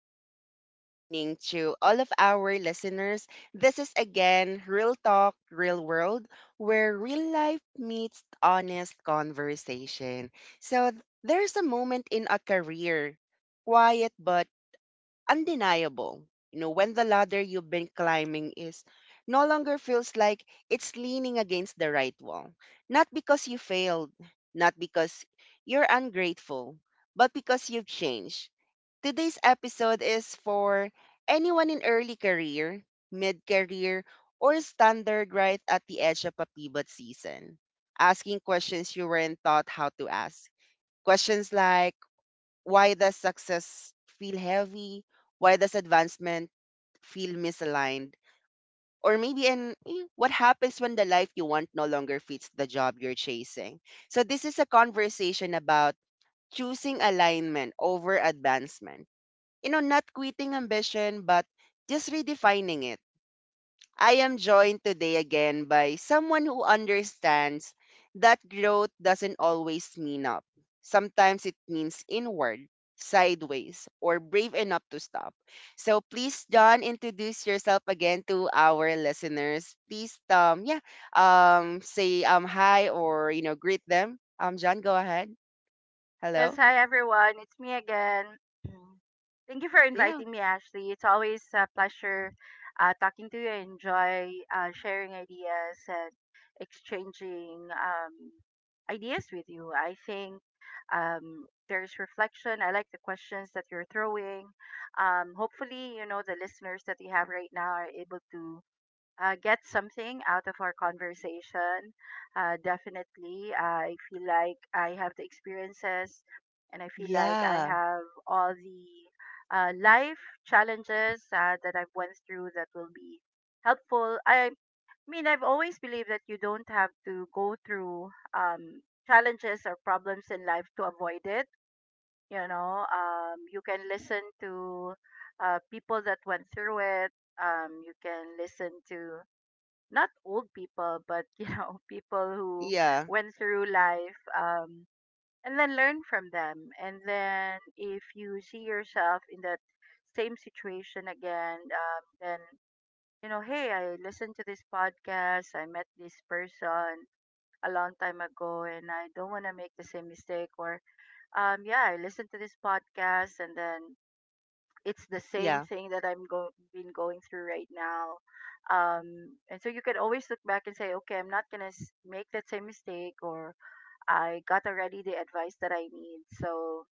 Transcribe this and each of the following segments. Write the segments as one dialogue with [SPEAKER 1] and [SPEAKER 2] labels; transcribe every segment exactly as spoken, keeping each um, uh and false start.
[SPEAKER 1] afternoon, good evening to all of our listeners. This is again Real Talk, Real World, where real life meets honest conversation. So, th- there's a moment in a career, quiet but undeniable. You know, when the ladder you've been climbing is no longer feels like it's leaning against the right wall. Not because you failed, not because you're ungrateful, but because you've changed. Today's episode is for anyone in early career, mid career, or standard right at the edge of a pivot season. Asking questions you weren't taught how to ask. Questions like, why does success feel heavy? Why does advancement feel misaligned? Or maybe, and eh, what happens when the life you want no longer fits the job you're chasing? So, this is a conversation about choosing alignment over advancement. You know, not quitting ambition, but just redefining it. I am joined today again by someone who understands that growth doesn't always mean up. Sometimes it means inward, sideways, or brave enough to stop. So please, John, introduce yourself again to our listeners. Please, um, yeah, um, say um hi or you know greet them. Um, John, go ahead.
[SPEAKER 2] Yes,
[SPEAKER 1] Hello.
[SPEAKER 2] hi everyone. It's me again. Thank you for
[SPEAKER 1] Yeah.
[SPEAKER 2] inviting me, Ashley. It's always a pleasure uh, talking to you. I enjoy uh, sharing ideas and exchanging um, ideas with you. I think um, there's reflection. I like the questions that you're throwing. Um, hopefully, you know, the listeners that we have right now are able to uh, get something out of our conversation. Uh, definitely, I feel like I have the experiences and I feel like I
[SPEAKER 1] Yeah.
[SPEAKER 2] have all the uh, life challenges uh, that I've went through that will be helpful. I mean, I've always believed that you don't have to go through um, challenges or problems in life to avoid it. You know, um, you can listen to uh, people that went through it. Um, you can listen to not old people, but you know, people who
[SPEAKER 1] Yeah.
[SPEAKER 2] went through life, um, and then learn from them. And then if you see yourself in that same situation again, um, then you know, hey, I listened to this podcast, I met this person a long time ago, and I don't want to make the same mistake. Or, um, yeah, I listened to this podcast, and then it's the same
[SPEAKER 1] Yeah.
[SPEAKER 2] thing that I'm go- been going through right now. Um, and so you can always look back and say, okay, I'm not gonna s- make that same mistake, or I got already the advice that I need. So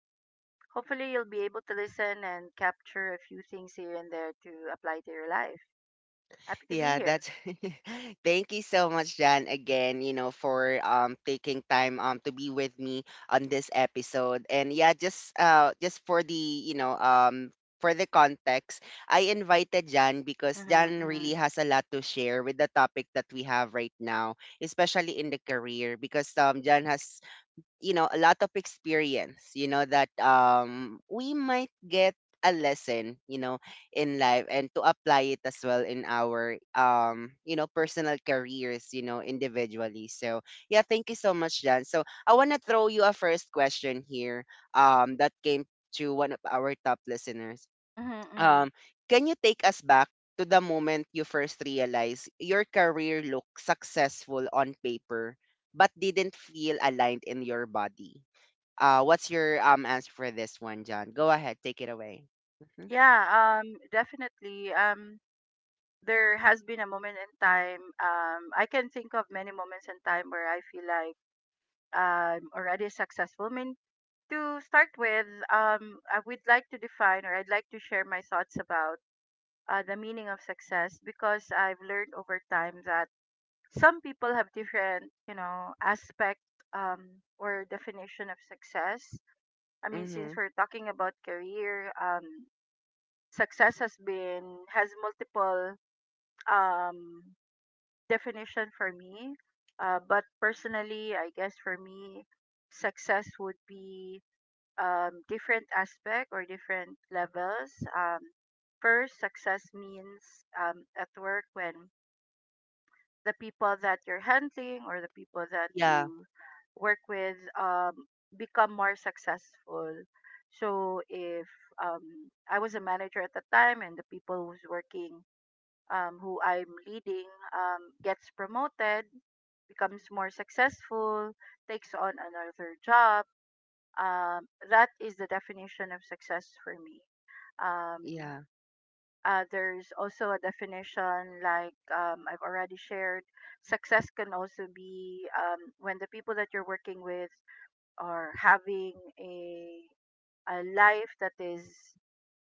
[SPEAKER 2] hopefully you'll be able to listen and capture a few things here and there to apply to your life. Happy to be
[SPEAKER 1] Yeah,
[SPEAKER 2] here.
[SPEAKER 1] that's thank you so much, Jan, again, you know, for um taking time um to be with me on this episode. And yeah, just uh just for the, you know, um for the context, I invited Jan because
[SPEAKER 2] Mm-hmm,
[SPEAKER 1] Jan
[SPEAKER 2] mm-hmm,
[SPEAKER 1] really has a lot to share with the topic that we have right now, especially in the career, because um Jan has you know a lot of experience you know that um we might get a lesson you know in life and to apply it as well in our um you know personal careers you know individually. So yeah, thank you so much, Jan. So I want to throw you a first question here um that came to one of our top listeners.
[SPEAKER 2] mm-hmm, mm-hmm.
[SPEAKER 1] um, can you take us back to the moment you first realized your career looked successful on paper but didn't feel aligned in your body? Uh, what's your um answer for this one, John? Go ahead, take it away. Mhm.
[SPEAKER 2] Yeah, um, definitely. Um, there has been a moment in time. Um, I can think of many moments in time where I feel like I'm already a successful. I mean, to start with, um, I would like to define or I'd like to share my thoughts about uh, the meaning of success because I've learned over time that some people have different, you know, aspect um, or definition of success. I mean, since
[SPEAKER 1] Mhm.
[SPEAKER 2] we're talking about career, um, success has been has multiple um, definition for me. Uh, but personally, I guess for me, success would be um, different aspect or different levels. Um, first, success means um, at work when the people that you're handling or the people that
[SPEAKER 1] Yeah.
[SPEAKER 2] you work with um, become more successful. So if um, I was a manager at the time and the people who's working um, who I'm leading um, gets promoted, becomes more successful, takes on another job, um, that is the definition of success for me. Um,
[SPEAKER 1] Yeah.
[SPEAKER 2] uh, there's also a definition like um, I've already shared. Success can also be um, when the people that you're working with are having a, a life that is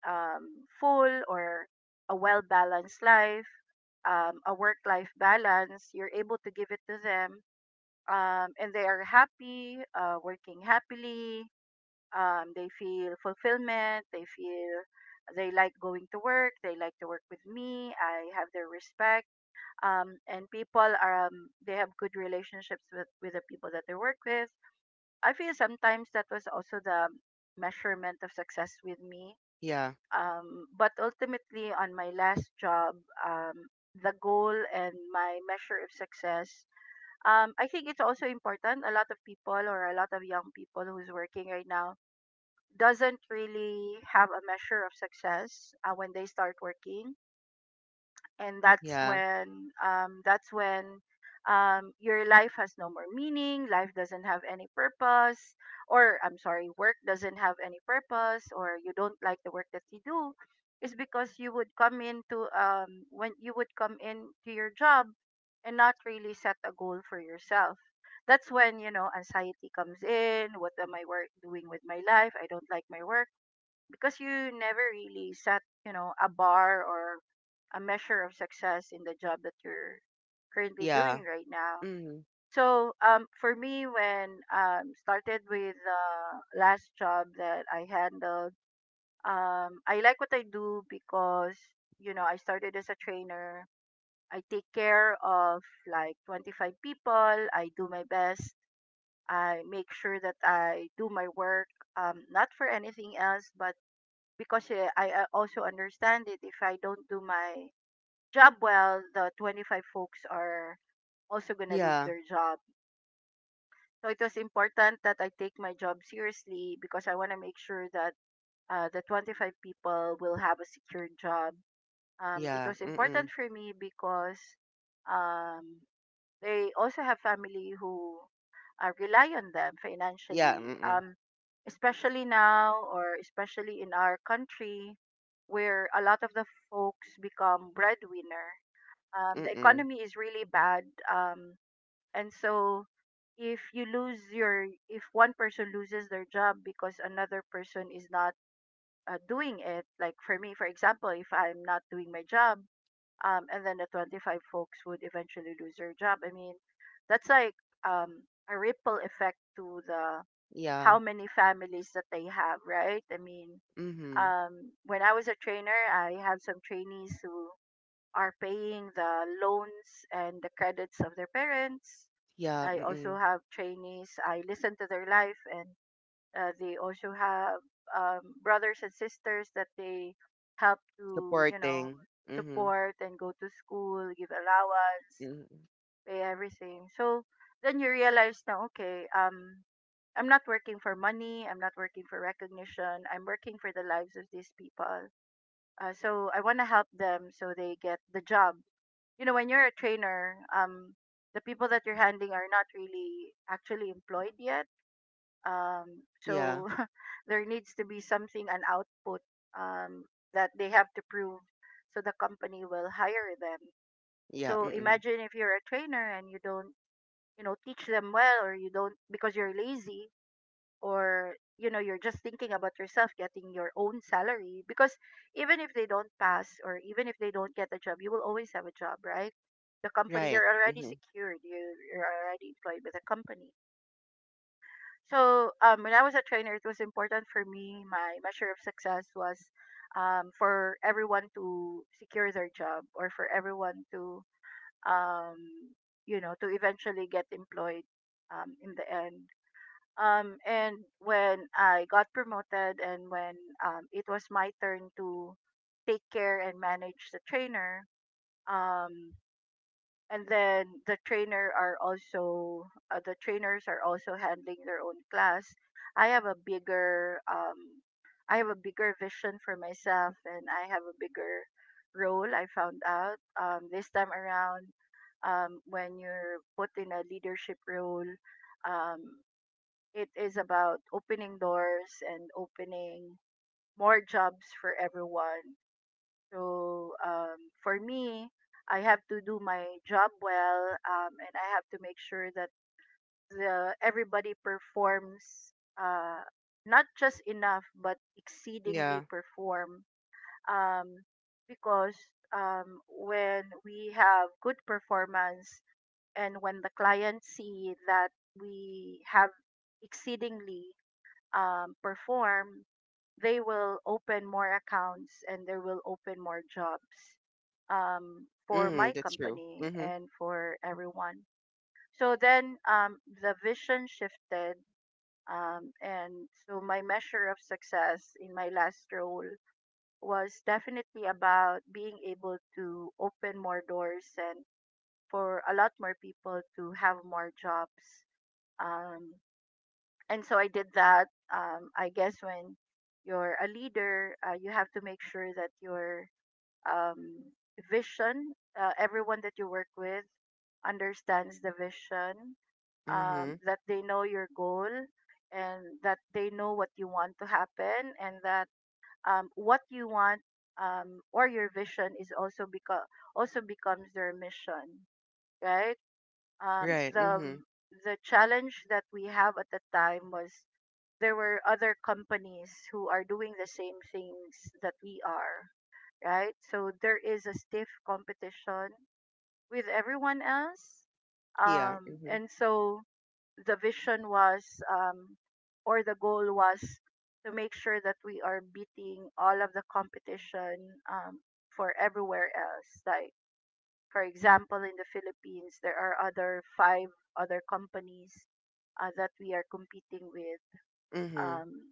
[SPEAKER 2] um, full or a well balanced life, um, a work life balance, you're able to give it to them. Um, and they are happy, uh, working happily, um, they feel fulfillment they feel they like going to work they like to work with me, I have their respect, um, and people are um, they have good relationships with with the people that they work with. I feel sometimes that was also the measurement of success with me.
[SPEAKER 1] Yeah.
[SPEAKER 2] Um, but ultimately on my last job um, the goal and my measure of success, um, I think it's also important. A lot of people or a lot of young people who's working right now doesn't really have a measure of success uh, when they start working, and that's
[SPEAKER 1] Yeah.
[SPEAKER 2] when um, that's when um, your life has no more meaning, life doesn't have any purpose, or I'm sorry, work doesn't have any purpose or you don't like the work that you do is because you would come into um, when you would come into your job and not really set a goal for yourself. That's when, you know, anxiety comes in. What am I work doing with my life? I don't like my work because you never really set, you know, a bar or a measure of success in the job that you're currently
[SPEAKER 1] Yeah.
[SPEAKER 2] doing right now.
[SPEAKER 1] Mhm.
[SPEAKER 2] So, um, for me, when um started with uh, last job that I handled, um, I like what I do because you know I started as a trainer. I take care of like twenty-five people. I do my best. I make sure that I do my work, um, not for anything else, but because uh, I uh, also understand it. If I don't do my job well, the twenty-five folks are also going to lose
[SPEAKER 1] Yeah.
[SPEAKER 2] their job. So it was important that I take my job seriously because I want to make sure that uh, the twenty-five people will have a secure job. Um, it
[SPEAKER 1] Yeah.
[SPEAKER 2] was
[SPEAKER 1] Mm-mm.
[SPEAKER 2] important for me because um, they also have family who uh, rely on them
[SPEAKER 1] Yeah.
[SPEAKER 2] financially,
[SPEAKER 1] Mm-mm.
[SPEAKER 2] um, especially now or especially in our country where a lot of the folks become breadwinner. Um, the
[SPEAKER 1] Mm-mm.
[SPEAKER 2] economy is really bad, um, and so if you lose your if one person loses their job because another person is not uh, doing it, like for me for example, if I'm not doing my job, um, and then the twenty-five folks would eventually lose their job. I mean, that's like um, a ripple effect to the
[SPEAKER 1] Yeah.
[SPEAKER 2] how many families that they have, right? I mean,
[SPEAKER 1] Mhm.
[SPEAKER 2] um, when I was a trainer, I have some trainees who are paying the loans and the credits of their parents.
[SPEAKER 1] Yeah.
[SPEAKER 2] I also
[SPEAKER 1] Mm-mm.
[SPEAKER 2] have trainees. I listen to their life and uh, they also have um, brothers and sisters that they help to, you know,
[SPEAKER 1] Supporting. Mhm.
[SPEAKER 2] support and go to school, give allowance,
[SPEAKER 1] Mhm.
[SPEAKER 2] pay everything. So then you realize now, okay, um, I'm not working for money. I'm not working for recognition. I'm working for the lives of these people. Uh, so I want to help them so they get the job. You know, when you're a trainer, um, the people that you're handling are not really actually employed yet um
[SPEAKER 1] Yeah.
[SPEAKER 2] so there needs to be something, an output, um that they have to prove so the company will hire them.
[SPEAKER 1] Yeah.
[SPEAKER 2] So
[SPEAKER 1] Mm-mm.
[SPEAKER 2] imagine if you're a trainer and you don't, you know, teach them well, or you don't because you're lazy, or you know, you're just thinking about yourself getting your own salary because even if they don't pass or even if they don't get a job, you will always have a job, right? The company,
[SPEAKER 1] Right.
[SPEAKER 2] you're already
[SPEAKER 1] Mm-hmm.
[SPEAKER 2] secured, you, you're already employed with a company. So um, when I was a trainer, it was important for me. My measure of success was um, for everyone to secure their job or for everyone to um, you know to eventually get employed um, in the end. Um, and when I got promoted and when um, it was my turn to take care and manage the trainer, um, and then the trainer are also uh, the trainers are also handling their own class, I have a bigger um I have a bigger vision for myself and I have a bigger role. I found out um this time around um when you're put in a leadership role, um it is about opening doors and opening more jobs for everyone. So um, for me, I have to do my job well, um, and I have to make sure that the everybody performs uh, not just enough but
[SPEAKER 1] Yeah.
[SPEAKER 2] exceedingly perform. Um, because um, when we have good performance and when the client see that we have exceedingly um, perform, they will open more accounts and they will open more jobs um, for
[SPEAKER 1] Mm-hmm.
[SPEAKER 2] my
[SPEAKER 1] That's true.
[SPEAKER 2] company
[SPEAKER 1] Mm-hmm.
[SPEAKER 2] and for everyone. So then um, the vision shifted. Um, and so my measure of success in my last role was definitely about being able to open more doors and for a lot more people to have more jobs, um, and so I did that. Um, I guess when you're a leader, uh, you have to make sure that your um, vision, uh, everyone that you work with, understands the vision,
[SPEAKER 1] Mm-hmm.
[SPEAKER 2] um, that they know your goal, and that they know what you want to happen, and that um, what you want um, or your vision is also beco- also becomes their mission, right? Um,
[SPEAKER 1] Right. Mm-hmm.
[SPEAKER 2] the the challenge that we have at the time was there were other companies who are doing the same things that we are, right? So there is a stiff competition with everyone else.
[SPEAKER 1] Yeah.
[SPEAKER 2] Um,
[SPEAKER 1] Mm-hmm.
[SPEAKER 2] and so the vision was, um, or the goal was, to make sure that we are beating all of the competition um, for everywhere else. Like, for example, in the Philippines, there are other five other companies uh, that we are competing with,
[SPEAKER 1] Mm-hmm.
[SPEAKER 2] um,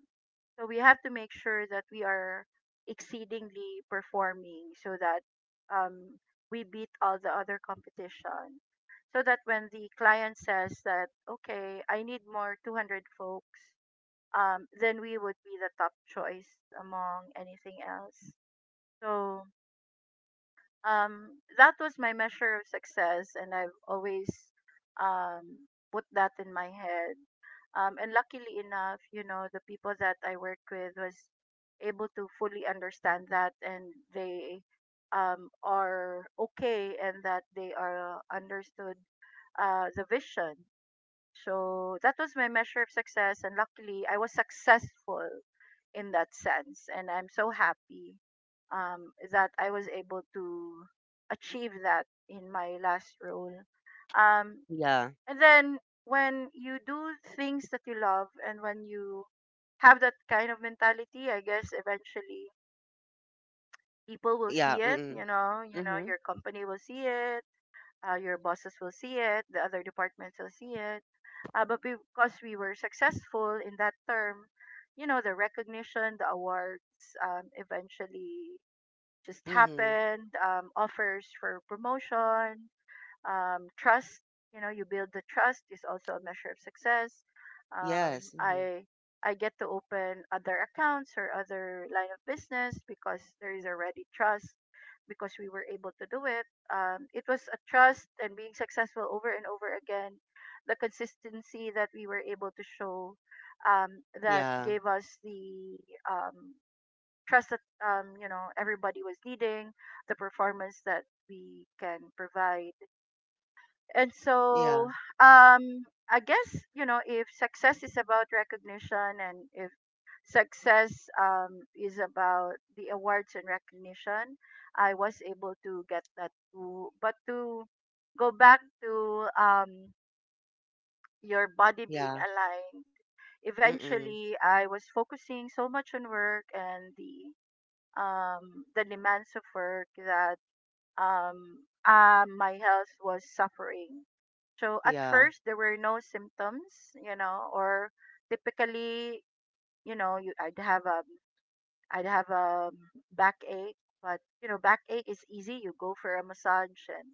[SPEAKER 2] so we have to make sure that we are exceedingly performing so that um, we beat all the other competition. So that when the client says that, okay, I need more two hundred folks, um, then we would be the top choice among anything else. So um, that was my measure of success, and I've always um, put that in my head, um, and luckily enough, you know, the people that I worked with was able to fully understand that, and they um, are okay, and that they are uh, understood uh, the vision. So that was my measure of success, and luckily I was successful in that sense, and I'm so happy um, that I was able to achieve that in my last role. Um,
[SPEAKER 1] Yeah.
[SPEAKER 2] and then when you do things that you love and when you have that kind of mentality, I guess eventually people will
[SPEAKER 1] Yeah.
[SPEAKER 2] see it,
[SPEAKER 1] Mm-hmm.
[SPEAKER 2] you know, you know,
[SPEAKER 1] Mm-hmm.
[SPEAKER 2] your company will see it, uh, your bosses will see it, the other departments will see it. Uh, but because we were successful in that term, you know, the recognition, the awards um, eventually just
[SPEAKER 1] Mm-hmm.
[SPEAKER 2] happened. Um, offers for promotion, um, trust. You know, you build the trust is also a measure of success. um,
[SPEAKER 1] Yes. Mm-hmm.
[SPEAKER 2] i i get to open other accounts or other line of business because there is already trust, because we were able to do it. Um, it was a trust and being successful over and over again, the consistency that we were able to show um, that
[SPEAKER 1] Yeah.
[SPEAKER 2] gave us the um, trust that, um, you know, everybody was needing the performance that we can provide. And
[SPEAKER 1] Yeah.
[SPEAKER 2] so, um, I guess, you know, if success is about recognition and if success um, is about the awards and recognition, I was able to get that too. But to go back to, um, your body being
[SPEAKER 1] Yeah.
[SPEAKER 2] aligned,
[SPEAKER 1] Mm-hmm.
[SPEAKER 2] eventually I was focusing so much on work and the um, the demands of work that um, uh, my health was suffering. So at
[SPEAKER 1] Yeah.
[SPEAKER 2] first there were no symptoms, you know, or typically, you know, you I'd have a I'd have a backache, but you know, backache is easy. You go for a massage and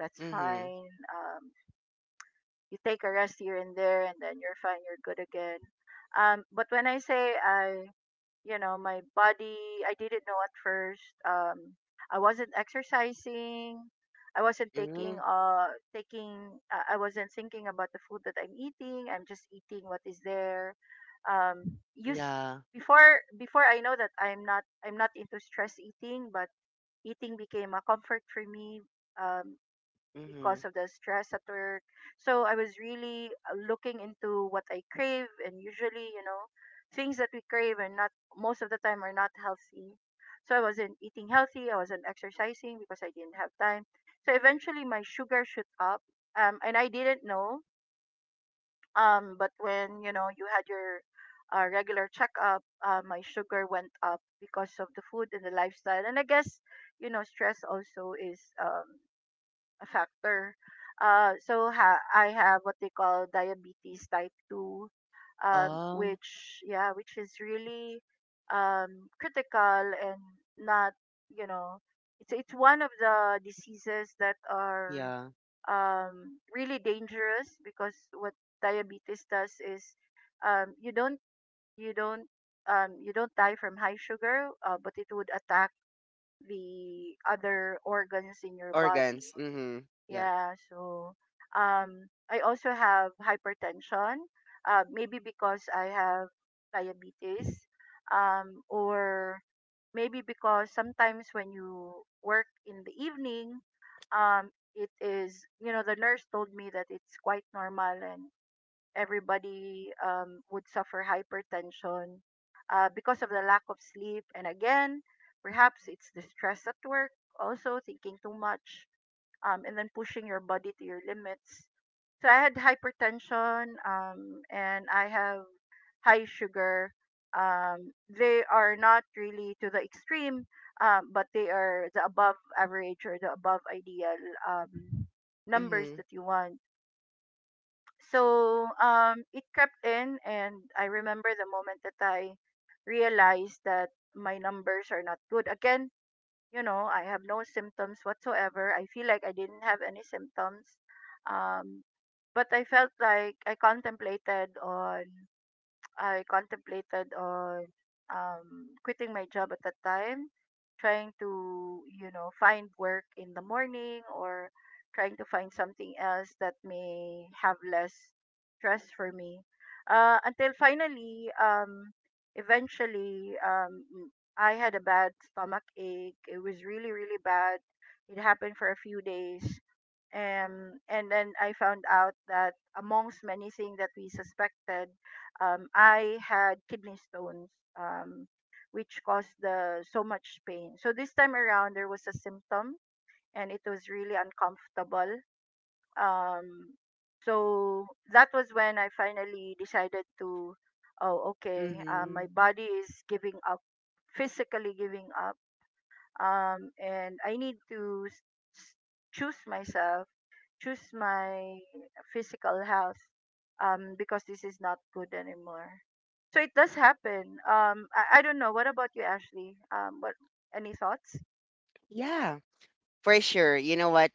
[SPEAKER 2] that's
[SPEAKER 1] Mm-hmm.
[SPEAKER 2] fine. Um, you take a rest here and there, and then you're fine. You're good again. Um, but when I say I, you know, my body, I didn't know at first. um I wasn't exercising, I wasn't
[SPEAKER 1] Mm-hmm.
[SPEAKER 2] taking uh taking uh, I wasn't thinking about the food that I'm eating, I'm just eating what is there. Um use
[SPEAKER 1] Yeah.
[SPEAKER 2] Before, before I know that I'm not i'm not into stress eating, but eating became a comfort for me um
[SPEAKER 1] Mm-hmm.
[SPEAKER 2] because of the stress at work. So I was really uh, looking into what I crave, and usually, you know, things that we crave are not, most of the time, are not healthy. So I wasn't eating healthy. I wasn't exercising because I didn't have time. So eventually, my sugar shoot up, um, and I didn't know. Um, but when you know you had your uh, regular checkup, uh, my sugar went up because of the food and the lifestyle. And I guess, you know, stress also is, um, a factor. Uh, so ha- I have what they call diabetes type two, um,
[SPEAKER 1] Oh.
[SPEAKER 2] which, yeah, which is really um, critical and not, you know, it's it's one of the diseases that are
[SPEAKER 1] Yeah.
[SPEAKER 2] um, really dangerous, because what diabetes does is, um, you don't you don't um, you don't die from high sugar, uh, but it would attack the other organs in your body.
[SPEAKER 1] Organs. Mm-hmm. Yeah.
[SPEAKER 2] Yeah, so um, I also have hypertension, uh, maybe because I have diabetes, um, or maybe because sometimes when you work in the evening, um, it is, you know, the nurse told me that it's quite normal and everybody um, would suffer hypertension uh, because of the lack of sleep. And again, perhaps it's the stress at work, also thinking too much um, and then pushing your body to your limits. So I had hypertension, um, and I have high sugar. Um, they are not really to the extreme, um, but they are the above average or the above ideal um, numbers
[SPEAKER 1] Mm-hmm.
[SPEAKER 2] that you want. So um, it crept in, and I remember the moment that I realized that my numbers are not good. Again, you know, I have no symptoms whatsoever. I feel like I didn't have any symptoms. Um, but I felt like I contemplated on I contemplated on um, quitting my job at that time, trying to, you know, find work in the morning or trying to find something else that may have less stress for me. Uh, until finally, um, eventually, um, m- I had a bad stomach ache. It was really, really bad. It happened for a few days. Um, and then I found out that, amongst many things that we suspected, um, I had kidney stones, um, which caused the so much pain. So this time around, there was a symptom, and it was really uncomfortable. Um, so that was when I finally decided to, oh, okay, uh,
[SPEAKER 1] Mm-hmm.
[SPEAKER 2] my body is giving up, physically giving up, um, and I need to s- s- choose myself, choose my physical health, um, because this is not good anymore. So it does happen. Um, I, I don't know. What about you, Ashley? Um, what Any thoughts?
[SPEAKER 1] Yeah. For sure. You know what?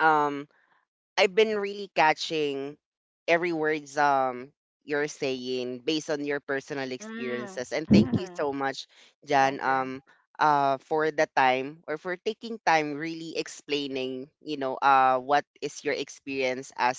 [SPEAKER 1] Um. I've been really catching every words um you're saying based on your personal
[SPEAKER 2] Mm.
[SPEAKER 1] experiences. And thank you so much, Jan,
[SPEAKER 2] Okay.
[SPEAKER 1] um uh for the time or for taking time really explaining, you know, uh what is your experience as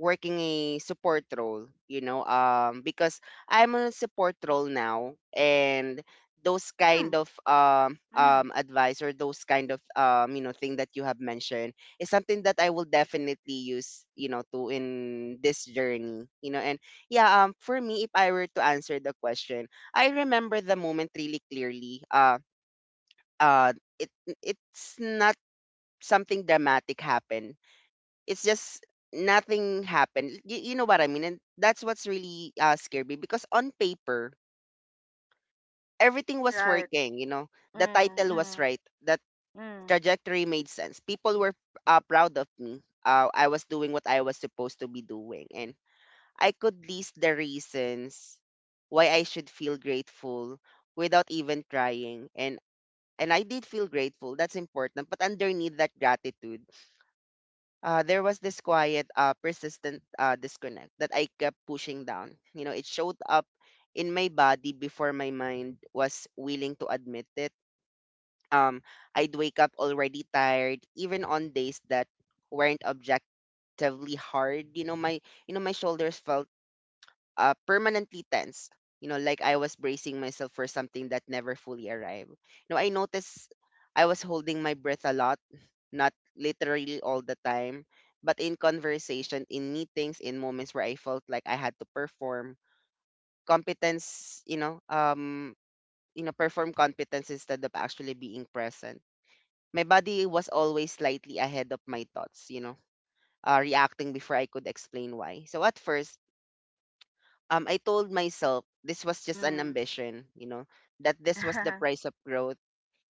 [SPEAKER 1] working a support role, you know, um, because I'm on a support role now, and those kind
[SPEAKER 2] Mm.
[SPEAKER 1] of um,
[SPEAKER 2] Mm.
[SPEAKER 1] um, advice or those kind of um, you know thing that you have mentioned is something that I will definitely use, you know, to in this journey, you know, and yeah, um, for me, if I were to answer the question, I remember the moment really clearly. Uh, uh, it it's not something dramatic happened, it's just nothing happened. You, you know what I mean? And that's what's really uh, scared me because on paper, everything was
[SPEAKER 2] Right.
[SPEAKER 1] working. You know, the
[SPEAKER 2] Mm.
[SPEAKER 1] title was
[SPEAKER 2] Mm.
[SPEAKER 1] right, the
[SPEAKER 2] Mm.
[SPEAKER 1] trajectory made sense. People were uh, proud of me. Uh, I was doing what I was supposed to be doing, and I could list the reasons why I should feel grateful without even trying. And and I did feel grateful. That's important. But underneath that gratitude uh, there was this quiet, uh, persistent uh, disconnect that I kept pushing down. You know, it showed up in my body before my mind was willing to admit it. Um, I'd wake up already tired, even on days that weren't objectively hard. You know, my you know my shoulders felt uh, permanently tense. You know, like I was bracing myself for something that never fully arrived. You know, I noticed I was holding my breath a lot, not literally all the time, but in conversation, in meetings, in moments where I felt like I had to perform competence, you know, um, you know, perform competence instead of actually being present. My body was always slightly ahead of my thoughts, you know, uh, reacting before I could explain why. So at first, um, I told myself this was just an
[SPEAKER 2] Mm.
[SPEAKER 1] ambition, you know, that this was the price of growth,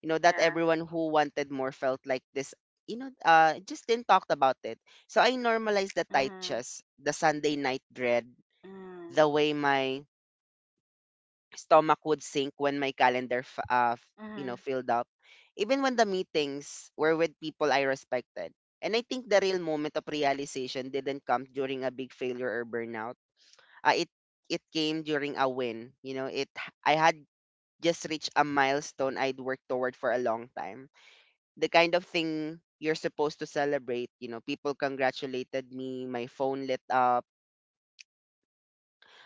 [SPEAKER 1] you know, that
[SPEAKER 2] Yeah.
[SPEAKER 1] everyone who wanted more felt like this, you know, uh, just didn't talk about it. So I normalized the tight
[SPEAKER 2] Mm.
[SPEAKER 1] chest, the Sunday night dread,
[SPEAKER 2] Mm.
[SPEAKER 1] the way my stomach would sink when my calendar, f- uh, f- you know,
[SPEAKER 2] Mm.
[SPEAKER 1] filled up, even when the meetings were with people I respected. And I think the real moment of realization didn't come during a big failure or burnout, uh, it it came during a win. You know, it I had just reached a milestone I'd worked toward for a long time. The kind of thing you're supposed to celebrate. You know, people congratulated me. My phone lit up,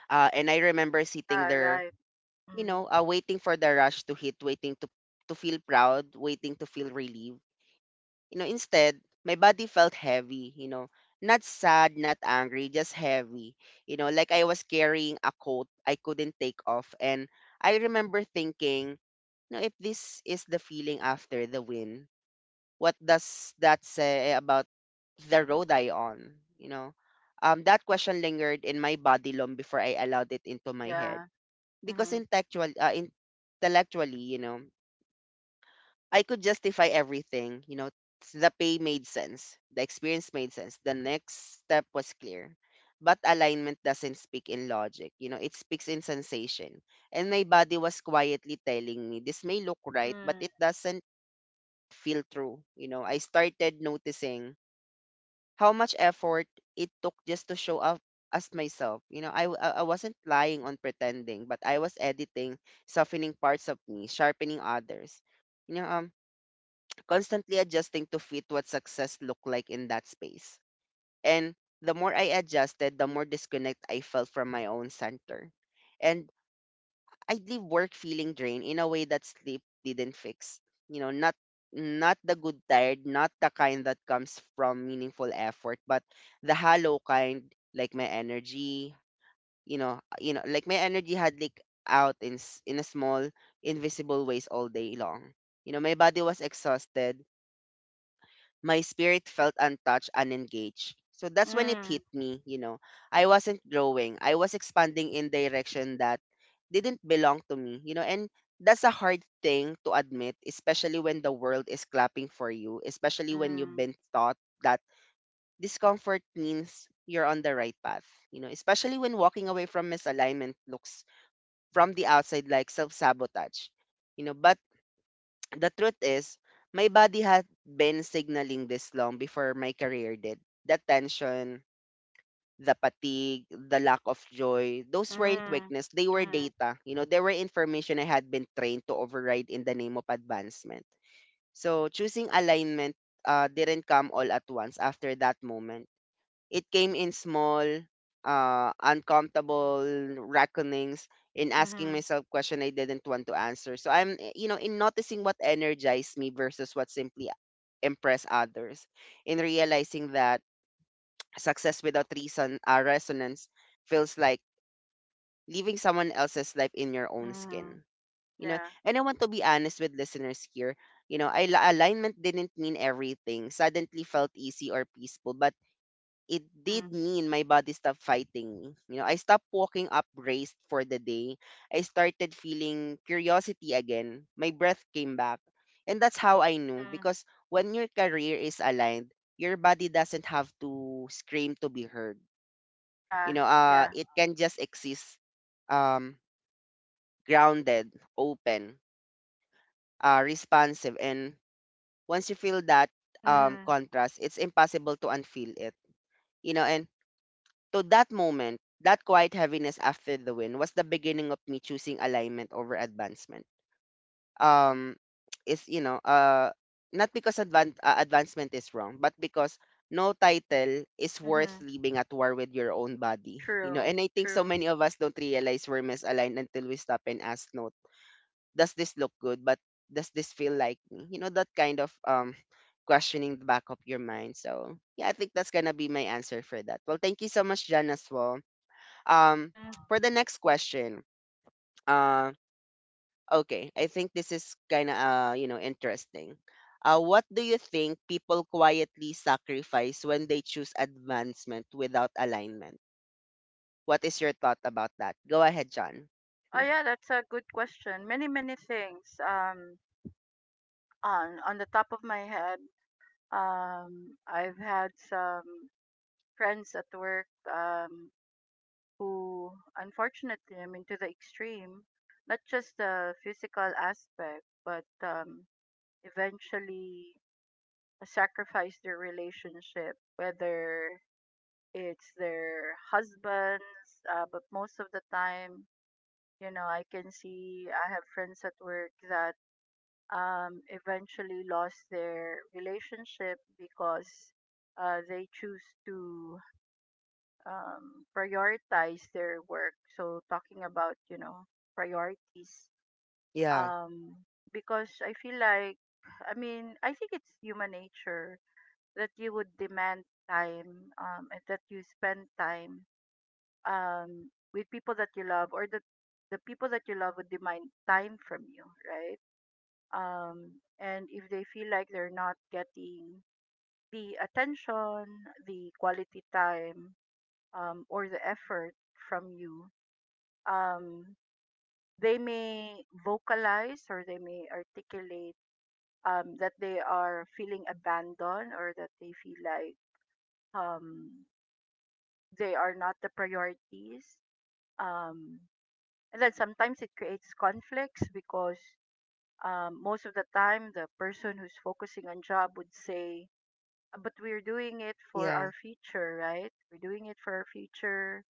[SPEAKER 1] uh, and I remember
[SPEAKER 2] Yeah.
[SPEAKER 1] sitting there,
[SPEAKER 2] Right.
[SPEAKER 1] you
[SPEAKER 2] Mm.
[SPEAKER 1] know, uh, waiting for the rush to hit, waiting to to feel proud, waiting to feel relieved. You know, instead, my body felt heavy, you know, not sad, not angry, just heavy. You know, like I was carrying a coat I couldn't take off. And I remember thinking, you know, if this is the feeling after the win, what does that say about the road I on? You know, um, that question lingered in my body long before I allowed it into my head.
[SPEAKER 2] Yeah.
[SPEAKER 1] Because
[SPEAKER 2] Mm.
[SPEAKER 1] intellectual, uh, intellectually, you know, I could justify everything. You know, s- the pay made sense, the experience made sense, the next step was clear. But alignment doesn't speak in logic, you know, it speaks in sensation. And my body was quietly telling me, this may look right, but
[SPEAKER 2] Mm.
[SPEAKER 1] it doesn't feel true. You know, I started noticing how much effort it took just to show up as myself. You know, I, w- I I wasn't lying on pretending, but I was editing, softening parts of me, sharpening others. You know, um, constantly adjusting to fit what success looked like in that space. And the more I adjusted, the more disconnect I felt from my own center. And I'd leave work feeling drained in a way that sleep didn't fix. You know, not not the good tired, not the kind that comes from meaningful effort, but the hollow kind, like my energy, you know, you know, like my energy had leaked out in s- in a small invisible ways all day long. You know, my body was exhausted, my spirit felt untouched, unengaged. So that's when it hit me, you know. I wasn't growing. I was expanding in direction that didn't belong to me, you know, and that's a hard thing to admit, especially when the world is clapping for you, especially when you've
[SPEAKER 2] Mm.
[SPEAKER 1] been taught that discomfort means you're on the right path, you know, especially when walking away from misalignment looks from the outside like self sabotage, you know, but the truth is, my body had been signaling this long before my career did. The tension, the fatigue, the lack of joy,
[SPEAKER 2] Mm.
[SPEAKER 1] those weren't
[SPEAKER 2] Mm.
[SPEAKER 1] weakness. They were data. You know, they were information I had been trained to override in the name of advancement. So choosing alignment uh, didn't come all at once after that moment. It came in small, uh, uncomfortable reckonings in
[SPEAKER 2] Mm.
[SPEAKER 1] asking
[SPEAKER 2] Mm.
[SPEAKER 1] myself question I didn't want to answer. So I'm, eh, you know, in noticing what energized me versus what simply impressed others, in realizing that success without reason, uh, resonance feels like leaving someone else's life in your own
[SPEAKER 2] Mm.
[SPEAKER 1] skin. You know,
[SPEAKER 2] Yeah.
[SPEAKER 1] and I want to be honest with listeners here. You know, I, alignment didn't mean everything. Suddenly felt easy or peaceful, but it
[SPEAKER 2] Mm.
[SPEAKER 1] did mean my body stopped fighting me. You know, I stopped walking upraised for the day. I started feeling curiosity again. My breath came back. And that's how I knew,
[SPEAKER 2] Mm.
[SPEAKER 1] because when your career is aligned, your body doesn't have to scream to be heard. You
[SPEAKER 2] Yeah.
[SPEAKER 1] know, uh
[SPEAKER 2] Yeah.
[SPEAKER 1] it can just exist, um grounded, open, uh responsive, and once you feel that um
[SPEAKER 2] Mm.
[SPEAKER 1] contrast, it's impossible to unfeel it. You know, and to that moment, that quiet heaviness after the win was the beginning of me choosing alignment over advancement. Um, is you know, uh, not because advan- uh, advancement is wrong, but because no title is worth
[SPEAKER 2] Mm.
[SPEAKER 1] leaving at war with your own body. You know,
[SPEAKER 2] True.
[SPEAKER 1] and I think so
[SPEAKER 2] True.
[SPEAKER 1] many of us don't realize we're misaligned until we stop and ask, "No, does this look good? But does this feel like me?" You know, that kind of um questioning the back of your mind. So yeah, I think that's gonna be my answer for that. Well, thank you so much, Jan, as well. Um,
[SPEAKER 2] Hmm.
[SPEAKER 1] for the next question, uh, okay, I think this is kind of uh, you know interesting. Uh, what do you think people quietly sacrifice when they choose advancement without alignment? What is your thought about that? Go ahead, John.
[SPEAKER 2] Oh
[SPEAKER 1] Hmm.
[SPEAKER 2] yeah, that's a good question. Many many things. Um, on on the top of my head, um, I've had some friends at work, um, who, unfortunately, I mean, to the extreme, not just the physical aspect, but um, eventually sacrifice their relationship, whether it's their husbands, uh, but most of the time, you know, I can see I have friends at work that um, eventually lost their relationship because uh, they choose to um, prioritize their work. So talking about, you know, priorities,
[SPEAKER 1] Yeah,
[SPEAKER 2] um, because I feel like, I mean, I think it's human nature that you would demand time, um, and that you spend time um, with people that you love, or that the people that you love would demand time from you, right? um, and if they feel like they're not getting the attention, the quality time, um, or the effort from you, um, they may vocalize or they may articulate um, that they are feeling abandoned or that they feel like um, they are not the priorities. Um, and then sometimes it creates conflicts because um, most of the time the person who's focusing on job would say, but we're doing it for
[SPEAKER 1] yeah,
[SPEAKER 2] our future, right? We're doing it for our future.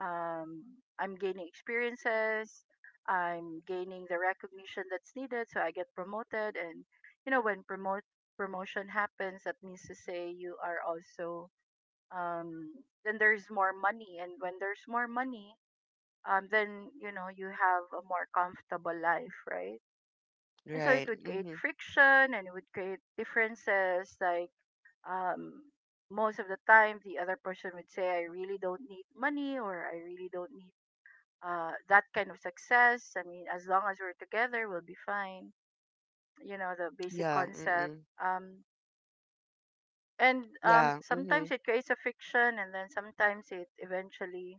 [SPEAKER 2] Um, I'm gaining experiences. I'm gaining the recognition that's needed, so I get promoted. And you know, when promote promotion happens, that means to say you are also, um, then there's more money, and when there's more money, um, then you know you have a more comfortable life, right? And so it
[SPEAKER 1] right.
[SPEAKER 2] would create
[SPEAKER 1] Mm-hmm.
[SPEAKER 2] friction, and it would create differences, like um, most of the time the other person would say, I really don't need money, or I really don't need uh, that kind of success. I mean, as long as we're together we'll be fine, you know, the basic
[SPEAKER 1] Yeah,
[SPEAKER 2] concept.
[SPEAKER 1] mm-mm.
[SPEAKER 2] Um, and um,
[SPEAKER 1] Yeah, mm-hmm.
[SPEAKER 2] sometimes it creates a fiction, and then sometimes it eventually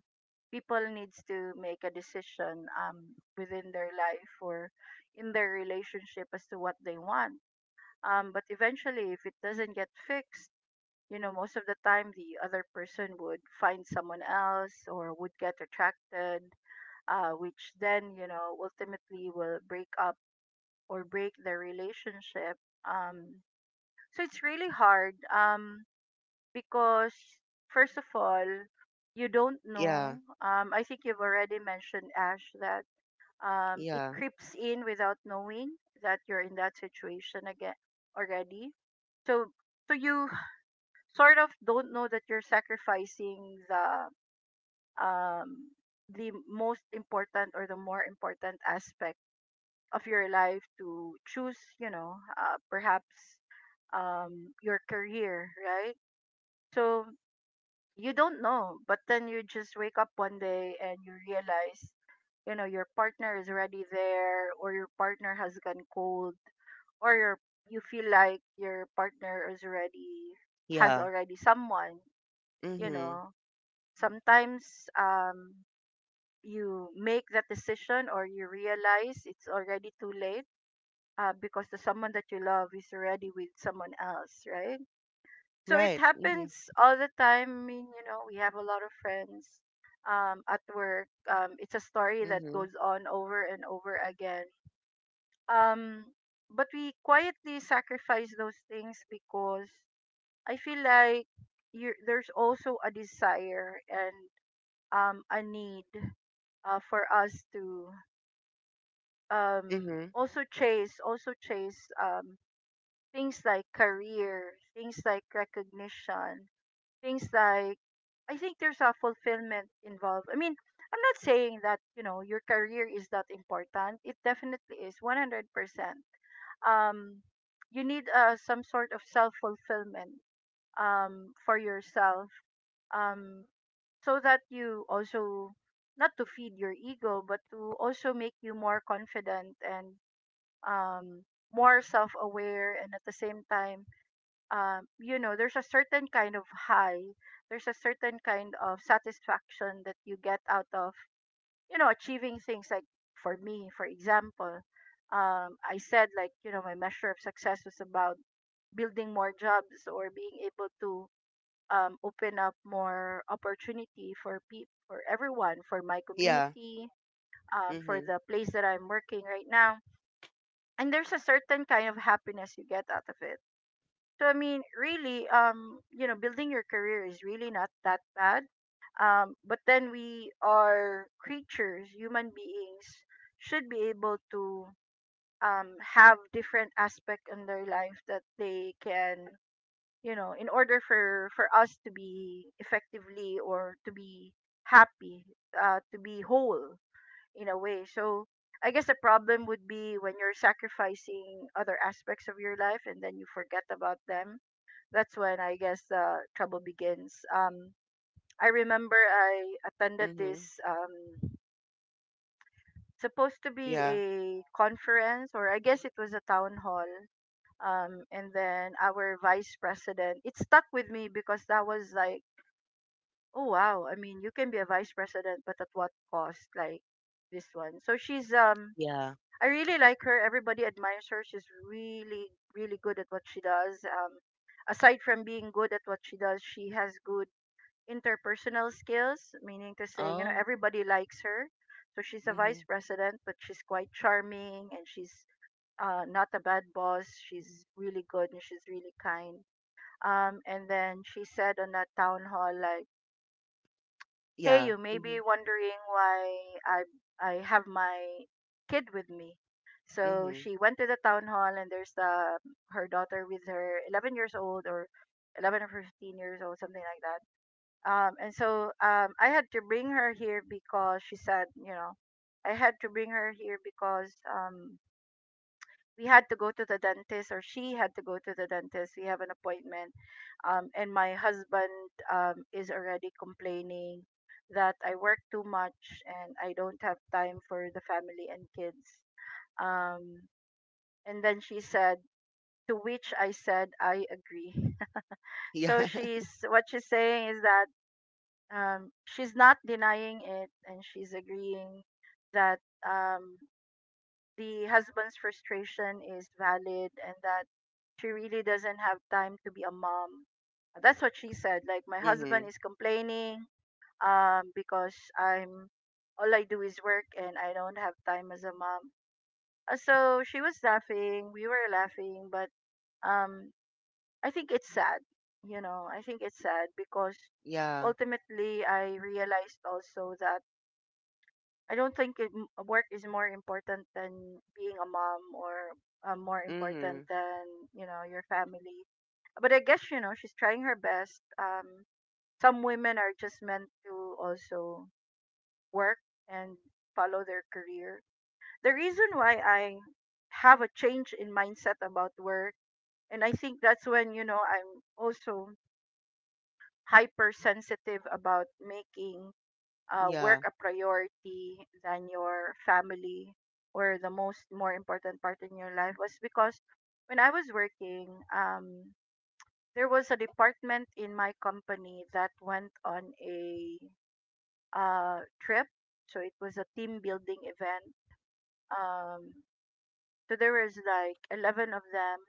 [SPEAKER 2] people needs to make a decision um, within their life or in their relationship as to what they want. Um, but eventually, if it doesn't get fixed, you know, most of the time the other person would find someone else or would get attracted, uh, which then, you know, ultimately will break up or break their relationship. um, so it's really hard, um, because first of all you don't
[SPEAKER 1] Yeah,
[SPEAKER 2] know. um, I think you've already mentioned, Ash, that um, it
[SPEAKER 1] yeah,
[SPEAKER 2] creeps in without knowing that you're in that situation again already. So so you sort of don't know that you're sacrificing the um the most important or the more important aspect of your life, to choose, you know, uh, perhaps um your career, right? So you don't know, but then you just wake up one day and you realize, you know, your partner is already there, or your partner has gone cold, or your, you feel like your partner is already has
[SPEAKER 1] yeah,
[SPEAKER 2] already someone, you
[SPEAKER 1] mm-hmm.
[SPEAKER 2] know. Sometimes, um, you make that decision or you realize it's already too late, uh, because the someone that you love is already with someone else, right? So it
[SPEAKER 1] Right. Mm-hmm.
[SPEAKER 2] happens all the time. I mean, you know, we have a lot of friends um, at work. Um, it's a story that
[SPEAKER 1] Mm-hmm.
[SPEAKER 2] goes on over and over again. Um, but we quietly sacrifice those things because I feel like you there's also a desire and um, a need uh, for us to um,
[SPEAKER 1] Mm-hmm.
[SPEAKER 2] also chase also chase um, things like career, things like recognition, things like, I think there's a fulfillment involved. I mean, I'm not saying that, you know, your career is that important. It definitely is one hundred percent. um, you need uh, some sort of self-fulfillment um, for yourself um. so that you also, not to feed your ego, but to also make you more confident and um more self-aware. And at the same time, um you know, there's a certain kind of high, there's a certain kind of satisfaction that you get out of, you know, achieving things. Like for me, for example, um I said, like, you know, my measure of success was about building more jobs or being able to um, open up more opportunity for people, for everyone, for my
[SPEAKER 1] Yeah,
[SPEAKER 2] community, um, for
[SPEAKER 1] mm-hmm.
[SPEAKER 2] the place that I'm working right now. And there's a certain kind of happiness you get out of it. So I mean, really, um, you know, building your career is really not that bad. Um, but then we are creatures, human beings, should be able to um, have different aspect in their life that they can, you know, in order for for us to be effectively or to be happy, uh to be whole, in a way. So I guess the problem would be when you're sacrificing other aspects of your life and then you forget about them. That's when, I guess, the trouble begins. um I remember I attended
[SPEAKER 1] Mm-hmm.
[SPEAKER 2] this um supposed to be
[SPEAKER 1] Yeah,
[SPEAKER 2] a conference, or I guess it was a town hall. Um, and then our vice president — it stuck with me because that was like, oh wow, I mean, you can be a vice president, but at what cost? Like this one. So she's um
[SPEAKER 1] yeah.
[SPEAKER 2] I really like her. Everybody admires her. She's really really good at what she does. Um aside from being good at what she does, she has good interpersonal skills, meaning to say, you know,
[SPEAKER 1] Oh.
[SPEAKER 2] everybody likes her. So she's a
[SPEAKER 1] Mm-hmm.
[SPEAKER 2] vice president, but she's quite charming and she's uh, not a bad boss. She's really good and she's really kind. Um, and then she said on that town hall, like, "Hey,
[SPEAKER 1] Yeah.
[SPEAKER 2] you may
[SPEAKER 1] Mm-hmm.
[SPEAKER 2] be wondering why I I have my kid with me." So
[SPEAKER 1] Mm-hmm.
[SPEAKER 2] she went to the town hall, and there's the her daughter with her, eleven years old, or eleven or fifteen years old, something like that. Um, and so um, I had to bring her here because, she said, you know, I had to bring her here because, um, we had to go to the dentist, or she had to go to the dentist, we have an appointment. Um, and my husband um, is already complaining that I work too much and I don't have time for the family and kids. um, and then she said, to which I said I agree. So
[SPEAKER 1] Yeah.
[SPEAKER 2] she's, what she's saying is that, um, she's not denying it and she's agreeing that um, the husband's frustration is valid, and that she really doesn't have time to be a mom. That's what she said. Like, my
[SPEAKER 1] Mm-hmm.
[SPEAKER 2] husband is complaining um because I'm, all I do is work and I don't have time as a mom. Uh, So she was laughing, we were laughing, but um I think it's sad. You know, I think it's sad because
[SPEAKER 1] Yeah.
[SPEAKER 2] ultimately I realized also that I don't think it, m- work is more important than being a mom or uh, more important
[SPEAKER 1] Mm-hmm.
[SPEAKER 2] than, you know, your family. But I guess, you know, she's trying her best. Um, some women are just meant to also work and follow their career. The reason why I have a change in mindset about work, and I think that's when, you know, I'm also hypersensitive about making uh, work
[SPEAKER 1] Yeah.
[SPEAKER 2] a priority than your family or the most more important part in your life, was because when I was working, um, there was a department in my company that went on a uh, trip. So it was a team building event. Um, so there was like eleven of them.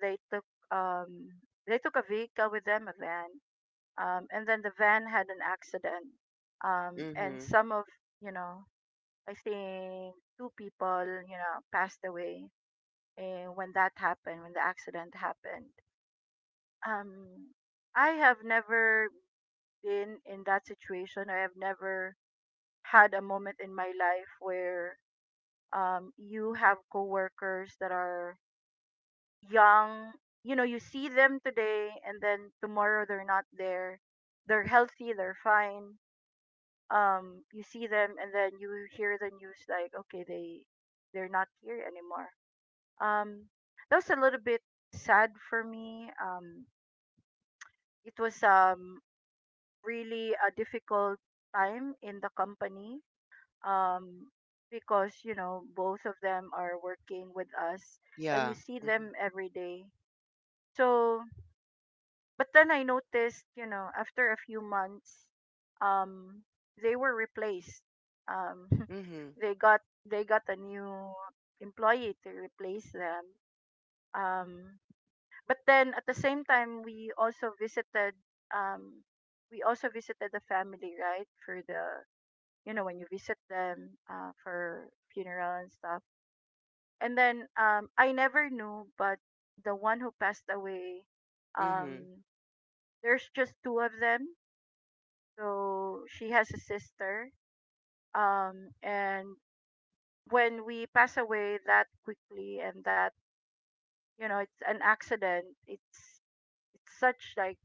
[SPEAKER 2] They took um, they took a vehicle with them, a van, um, and then the van had an accident. Um, and
[SPEAKER 1] Mm-hmm.
[SPEAKER 2] some of, you know, I think two people, you know, passed away. And when that happened, when the accident happened, um, I have never been in that situation. I have never had a moment in my life where um, you have coworkers that are young. You know, you see them today, and then tomorrow they're not there. They're healthy, they're fine. Um, you see them, and then you hear the news like, okay, they they're not here anymore. Um, that was a little bit sad for me. Um, it was um really a difficult time in the company. Um, because, you know, both of them are working with us, and you
[SPEAKER 1] Yeah.
[SPEAKER 2] see
[SPEAKER 1] Mm-hmm.
[SPEAKER 2] them every day. So, but then I noticed, you know, after a few months, um, they were replaced. Um,
[SPEAKER 1] Mm-hmm.
[SPEAKER 2] they got they got a new employee to replace them. Um, but then at the same time we also visited um we also visited the family, right, for the, you know, when you visit them uh, for funeral and stuff. And then um I never knew, but the one who passed away,
[SPEAKER 1] Mm-hmm.
[SPEAKER 2] um there's just two of them, so she has a sister. Um and when we pass away that quickly, and that, you know, it's an accident, it's it's such, like,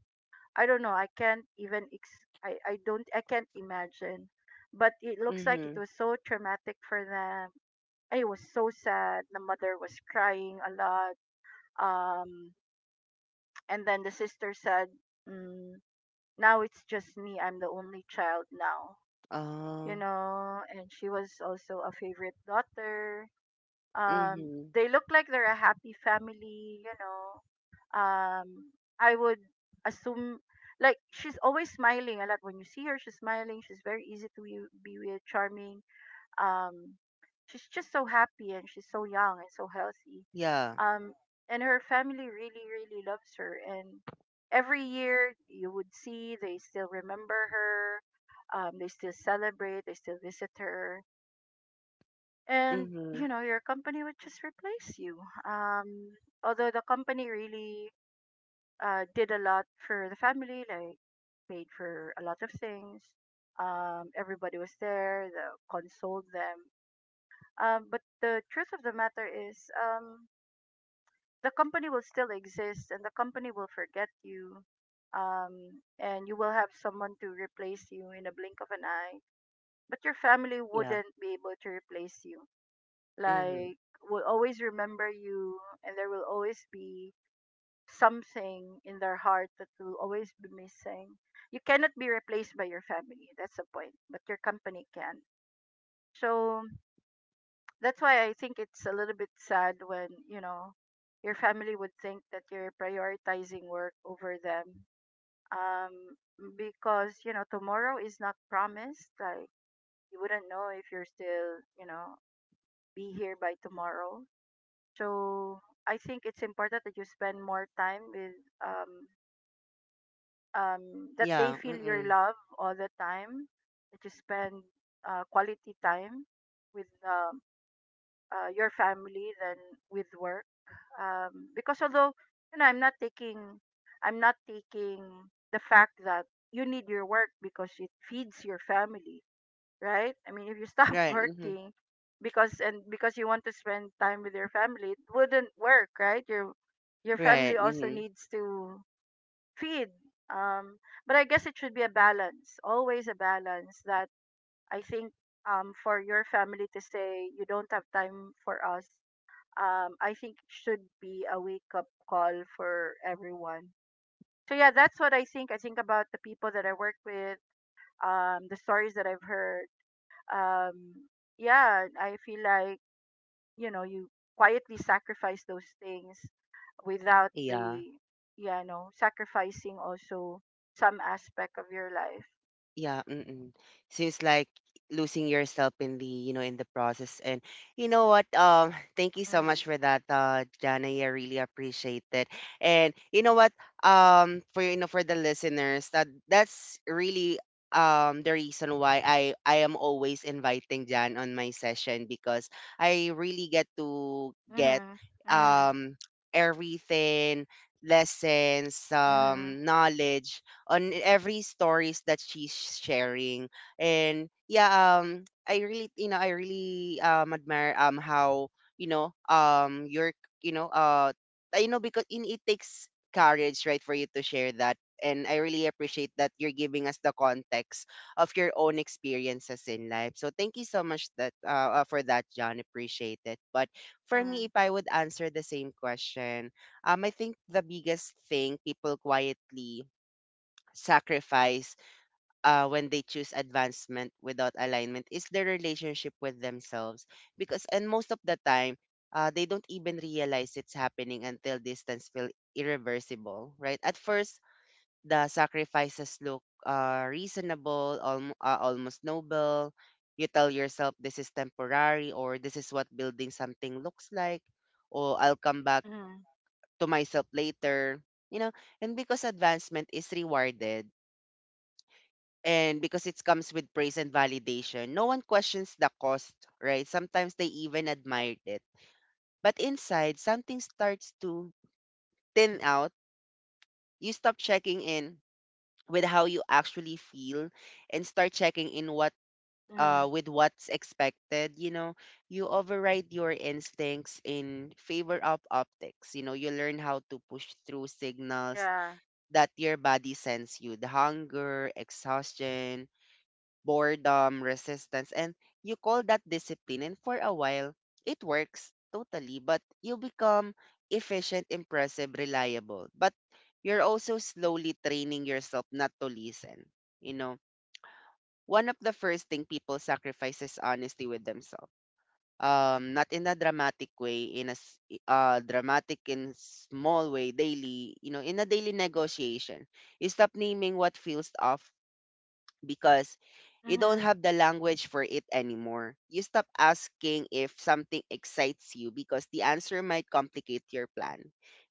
[SPEAKER 2] I don't know. I can't even ex- I I don't, I can't imagine. But it looks like it
[SPEAKER 1] Mm-hmm.
[SPEAKER 2] was so traumatic for them. It was so sad. The mother was crying a lot. Um, and then the sister said, mm, "Now it's just me. I'm the only child now."
[SPEAKER 1] Uh.
[SPEAKER 2] You know, and she was also a favorite daughter. Um,
[SPEAKER 1] Mm-hmm.
[SPEAKER 2] they look like they're a happy family. You know, um I would assume, like, she's always smiling a lot. When you see her, she's smiling, she's very easy to be be with, charming. um she's just so happy and she's so young and so healthy.
[SPEAKER 1] Yeah.
[SPEAKER 2] um and her family really really loves her, and every year you would see, they still remember her, um they still celebrate, they still visit her. And,
[SPEAKER 1] Mm-hmm.
[SPEAKER 2] you know, your company would just replace you. um Although the company really uh, did a lot for the family, like paid for a lot of things. Um, everybody was there, the, consoled them. Um, but the truth of the matter is, um, the company will still exist, and the company will forget you, um, and you will have someone to replace you in a blink of an eye. But your family
[SPEAKER 1] Yeah.
[SPEAKER 2] wouldn't be able to replace you.
[SPEAKER 1] Mm-hmm.
[SPEAKER 2] Like, will always remember you, and there will always be something in their heart that will always be missing. You cannot be replaced by your family. That's the point. But your company can. So that's why I think it's a little bit sad when, you know, your family would think that you're prioritizing work over them. Um, because, you know, tomorrow is not promised. Like, you wouldn't know if you're still, you know, be here by tomorrow. So I think it's important that you spend more time with um, um, that they
[SPEAKER 1] Yeah.
[SPEAKER 2] feel your
[SPEAKER 1] Mm-hmm.
[SPEAKER 2] love all the time, that you spend uh, quality time with um, uh, your family than with work. Um, because although, you know, I'm not taking, I'm not taking the fact that you need your work because it feeds your family, right? I mean, if you stop
[SPEAKER 1] Right. Mm-hmm.
[SPEAKER 2] working because, and because you want to spend time with your family, it wouldn't work, right? Your your
[SPEAKER 1] Right.
[SPEAKER 2] family also
[SPEAKER 1] Mm-hmm.
[SPEAKER 2] needs to feed. Um, but I guess it should be a balance, always a balance that I think, um, for your family to say you don't have time for us, um, I think should be a wake up call for everyone. So yeah, that's what I think. I think about the people that I work with, um, the stories that I've heard. Um, yeah, I feel like, you know, you quietly sacrifice those things without
[SPEAKER 1] Yeah.
[SPEAKER 2] the, yeah, you know, sacrificing also some aspect of your life.
[SPEAKER 1] Yeah, mm-mm. Seems like losing yourself in the, you know, in the process. And you know what? Um, thank you so
[SPEAKER 2] Mm.
[SPEAKER 1] much for that, uh, Jana. I really appreciate it. And you know what? Um, for you know, for the listeners, that that's really um the reason why I I am always inviting Jan on my session because I really get to get
[SPEAKER 2] Mhm. Mhm.
[SPEAKER 1] um everything lessons
[SPEAKER 2] Mhm.
[SPEAKER 1] um knowledge on every stories that she's sharing. And yeah, um, I really, you know, I really um admire um how you know um your you know uh you know because in it takes courage right for you to share that. And I really appreciate that you're giving us the context of your own experiences in life. So thank you so much that uh, uh, for that, John. Appreciate it. But for me, if
[SPEAKER 2] Mhm.
[SPEAKER 1] I would answer the same question, um, I think the biggest thing people quietly sacrifice uh, when they choose advancement without alignment is their relationship with themselves because and most of the time uh, they don't even realize it's happening until distance feel irreversible, right? At first the sacrifices look uh, reasonable alm- uh, almost noble. You tell yourself this is temporary, or this is what building something looks like, or I'll come back
[SPEAKER 2] Mhm.
[SPEAKER 1] to myself later, you know. And because advancement is rewarded, and because it comes with praise and validation, no one questions the cost, right? Sometimes they even admired it. But inside, something starts to thin out. You stop checking in with how you actually feel and start checking in what uh
[SPEAKER 2] Mhm.
[SPEAKER 1] with what's expected, you know. You override your instincts in favor of optics. You know, you learn how to push through signals
[SPEAKER 2] Yeah.
[SPEAKER 1] that your body sends you, the hunger, exhaustion, boredom, resistance, and you call that discipline. And for a while, it works totally, but you become efficient, impressive, reliable. But you're also slowly training yourself not to listen. You know, one of the first thing people sacrifice is honesty with themselves. Um, not in a dramatic way, in a s- i- uh, dramatic in small way, daily, you know, in a daily negotiation. You stop naming what feels off because you don't
[SPEAKER 2] Mhm.
[SPEAKER 1] have the language for it anymore. You stop asking if something excites you because the answer might complicate your plan.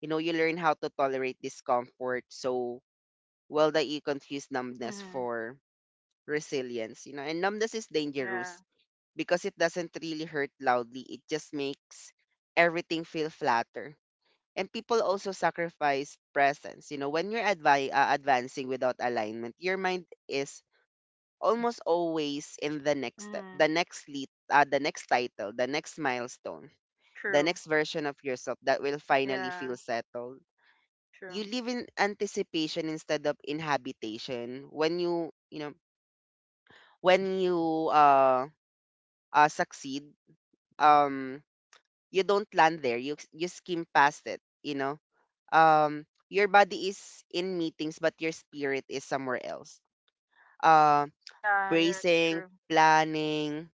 [SPEAKER 1] You know, you learn how to tolerate discomfort so well that you confuse numbness
[SPEAKER 2] Mhm.
[SPEAKER 1] for resilience, you know, and numbness is
[SPEAKER 2] Yeah.
[SPEAKER 1] dangerous because it doesn't really hurt loudly. It just makes everything feel flatter. And people also sacrifice presence. You know, when you're advi- uh, advancing without alignment, your mind is almost always in the next step,
[SPEAKER 2] Mhm.
[SPEAKER 1] the next lead, uh, the next title, the next milestone, the
[SPEAKER 2] True.
[SPEAKER 1] next version of yourself that will finally
[SPEAKER 2] Yeah.
[SPEAKER 1] feel settled.
[SPEAKER 2] True.
[SPEAKER 1] You live in anticipation instead of inhabitation. When you, you know, when you uh, uh succeed, um, you don't land there. You you skim past it. You know, um, your body is in meetings, but your spirit is somewhere else. Uh,
[SPEAKER 2] Yeah, yeah, it's
[SPEAKER 1] bracing,
[SPEAKER 2] true.
[SPEAKER 1] planning,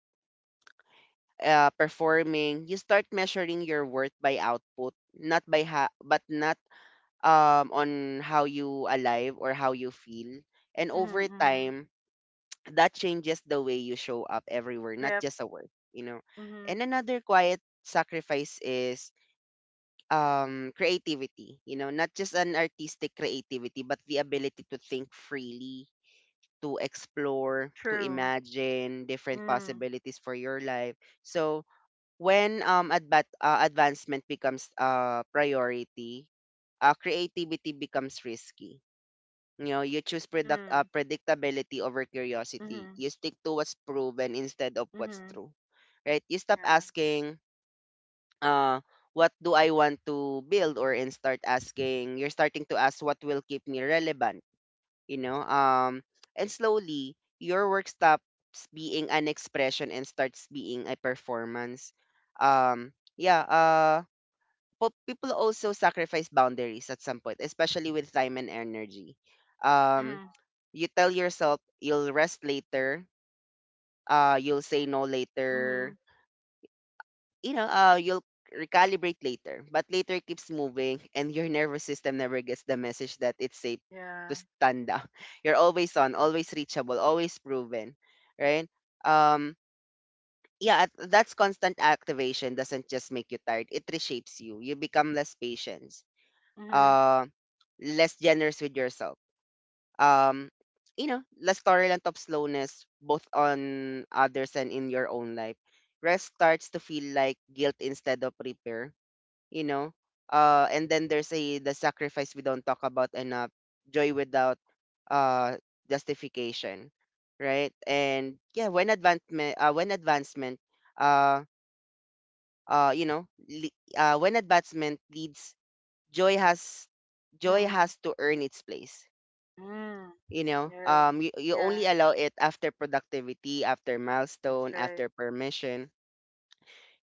[SPEAKER 1] uh, performing, you start measuring your worth by output, not by ha- but not um on how you alive or how you feel. And
[SPEAKER 2] Mhm.
[SPEAKER 1] over
[SPEAKER 2] Mhm.
[SPEAKER 1] time, that changes the way you show up everywhere, not
[SPEAKER 2] Yep.
[SPEAKER 1] just at work, you know.
[SPEAKER 2] Mhm.
[SPEAKER 1] And another quiet sacrifice is um creativity, you know, not just an artistic creativity, but the ability to think freely, to explore, to
[SPEAKER 2] True.
[SPEAKER 1] imagine different
[SPEAKER 2] Mm.
[SPEAKER 1] possibilities for your life. So when um adva- uh, advancement becomes uh priority, uh, creativity becomes risky. You know, you choose product
[SPEAKER 2] Mm.
[SPEAKER 1] uh, predictability over curiosity.
[SPEAKER 2] Mhm.
[SPEAKER 1] You stick to what's proven instead of what's
[SPEAKER 2] Mhm.
[SPEAKER 1] true, right? You stop
[SPEAKER 2] Yeah.
[SPEAKER 1] asking, uh, what do I want to build, or and start asking. You're starting to ask what will keep me relevant, you know um and slowly your work stops being an expression and starts being a performance. um yeah uh but people also sacrifice boundaries at some point, especially with time and energy. um
[SPEAKER 2] Mhm.
[SPEAKER 1] you tell yourself you'll rest later, uh you'll
[SPEAKER 2] Yep.
[SPEAKER 1] say no later,
[SPEAKER 2] Mhm.
[SPEAKER 1] you know, uh, you'll recalibrate later, but later keeps moving, and your nervous system never gets the message that it's safe
[SPEAKER 2] Yeah.
[SPEAKER 1] to stand up. You're always on, always reachable, always proven, right? Um, yeah, at- that's constant activation doesn't just make you tired; it reshapes you. You become less patient,
[SPEAKER 2] Mhm.
[SPEAKER 1] uh, less generous with yourself. Um, you know, less tolerant of slowness, both on others and in your own life. Rest starts to feel like guilt instead of repair, you know. Uh and then there's a the sacrifice we don't talk about enough: joy without uh justification, right? And yeah when advancement uh, when advancement uh uh you know le- uh when advancement leads, joy has joy
[SPEAKER 2] Mm,
[SPEAKER 1] has to earn its place,
[SPEAKER 2] mm,
[SPEAKER 1] you know.
[SPEAKER 2] right.
[SPEAKER 1] Um you, you
[SPEAKER 2] Yeah,
[SPEAKER 1] only allow it after productivity, after
[SPEAKER 2] that's
[SPEAKER 1] milestone,
[SPEAKER 2] right.
[SPEAKER 1] after permission.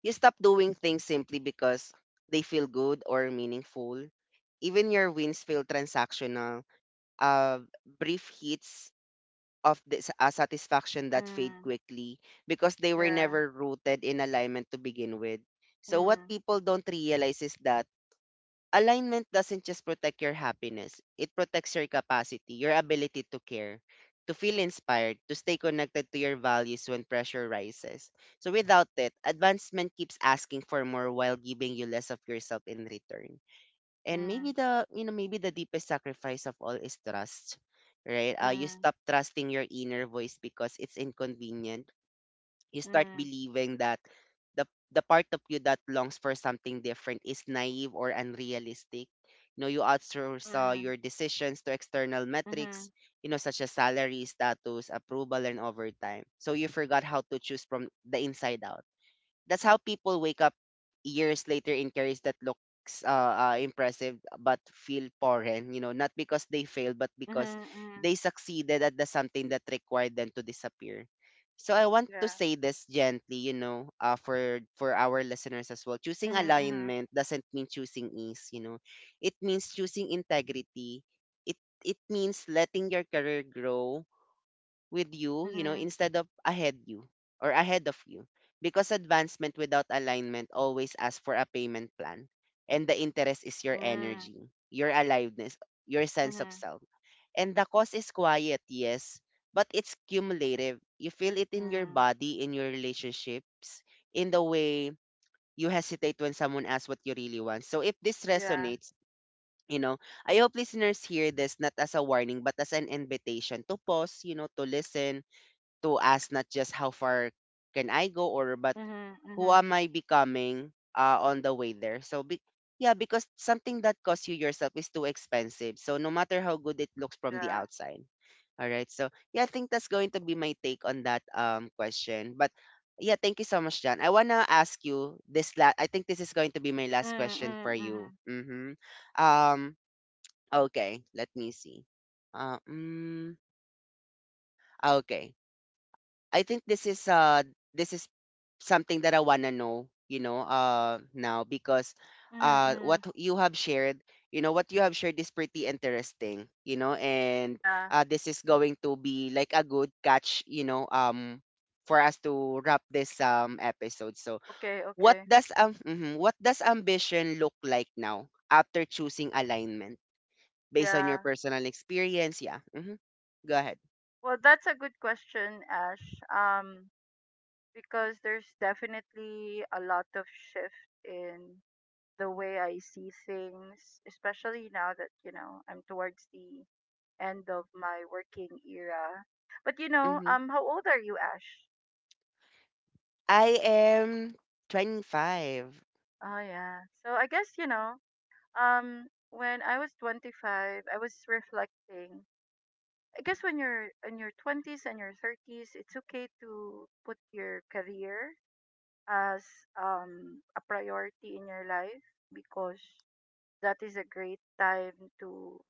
[SPEAKER 1] You stop doing things simply because they feel good or meaningful. Even your wins feel transactional. Uh, brief hits of this, uh, satisfaction that fade
[SPEAKER 2] Mm,
[SPEAKER 1] quickly because they were
[SPEAKER 2] yeah.
[SPEAKER 1] never rooted in alignment to begin with. So what
[SPEAKER 2] Mm,
[SPEAKER 1] people don't realize is that alignment doesn't just protect your happiness, it protects your capacity, your ability to care, to feel inspired, to stay connected to your values when pressure rises. So without it, advancement keeps asking for more while giving you less of yourself in return. And
[SPEAKER 2] mm,
[SPEAKER 1] maybe the you know, maybe the deepest sacrifice of all is trust. Right? Uh, you
[SPEAKER 2] mm,
[SPEAKER 1] stop trusting your inner voice because it's inconvenient. You start
[SPEAKER 2] mm,
[SPEAKER 1] believing that the the part of you that longs for something different is naive or unrealistic. You know, you outsource uh,
[SPEAKER 2] mm,
[SPEAKER 1] your decisions to external metrics,
[SPEAKER 2] mhm,
[SPEAKER 1] you know, such as salary, status, approval, and overtime. So you forgot how to choose from the inside out. That's how people wake up years later in careers that looks uh, uh, impressive but feel foreign, you know, not because they failed, but because
[SPEAKER 2] mhm, mhm,
[SPEAKER 1] they succeeded at the something that required them to disappear. So I want to
[SPEAKER 2] yeah.
[SPEAKER 1] say this gently, you know, uh, for for our listeners as well, choosing
[SPEAKER 2] Mhm, mhm,
[SPEAKER 1] alignment doesn't mean choosing ease, you know, it means choosing integrity. It it means letting your career grow with you, you know,
[SPEAKER 2] mhm,
[SPEAKER 1] instead of ahead you or ahead of you. Because advancement without alignment always asks for a payment plan. And the interest is your
[SPEAKER 2] mm,
[SPEAKER 1] energy, your aliveness, your sense of
[SPEAKER 2] mhm,
[SPEAKER 1] self. And the cause is quiet, yes, but it's cumulative. You feel it in your
[SPEAKER 2] mm,
[SPEAKER 1] body, in your relationships, in the way you hesitate when someone asks what you really want. So if this
[SPEAKER 2] yeah.
[SPEAKER 1] resonates, you know, I hope listeners hear this not as a warning, but as an invitation to pause, you know, to listen, to ask not just how far can I go, or but
[SPEAKER 2] Mhm,
[SPEAKER 1] who
[SPEAKER 2] mhm,
[SPEAKER 1] am I becoming uh, on the way there. So be- yeah, because something that costs you yourself is too expensive. So no matter how good it looks from the
[SPEAKER 2] yeah.
[SPEAKER 1] outside. All right. So yeah, I think that's going to be my take on that um question. But yeah, thank you so much, John. I wanna ask you this last. I think this is going to be my last
[SPEAKER 2] Mm,
[SPEAKER 1] question
[SPEAKER 2] mm,
[SPEAKER 1] for you.
[SPEAKER 2] mhm,
[SPEAKER 1] Mm-hmm. Um. Okay. Let me see. Uh, mm, okay. I think this is uh this is something that I wanna know, you know, uh now because
[SPEAKER 2] mhm,
[SPEAKER 1] uh
[SPEAKER 2] mm,
[SPEAKER 1] what you have shared, you know, what you have shared is pretty interesting, you know, and
[SPEAKER 2] yeah.
[SPEAKER 1] uh this is going to be like a good catch, you know, um for us to wrap this um episode. So
[SPEAKER 2] Okay,
[SPEAKER 1] what
[SPEAKER 2] okay.
[SPEAKER 1] does um mhm, what does ambition look like now after choosing alignment based on your
[SPEAKER 2] Yeah.
[SPEAKER 1] personal experience? Yeah. Hmm. Go ahead.
[SPEAKER 2] Well, that's a good question, Ash. Um, because there's definitely a lot of shift in the way I see things, especially now that, you know, I'm towards the end of my working era. But you know,
[SPEAKER 1] Hmm.
[SPEAKER 2] um how old are you, Ash?
[SPEAKER 1] I am twenty-five.
[SPEAKER 2] Oh yeah. So I guess, you know, um when I was twenty-five, I was reflecting. I guess when you're in your twenties and your thirties, it's okay to put your career as um a priority in your life because that is a great time to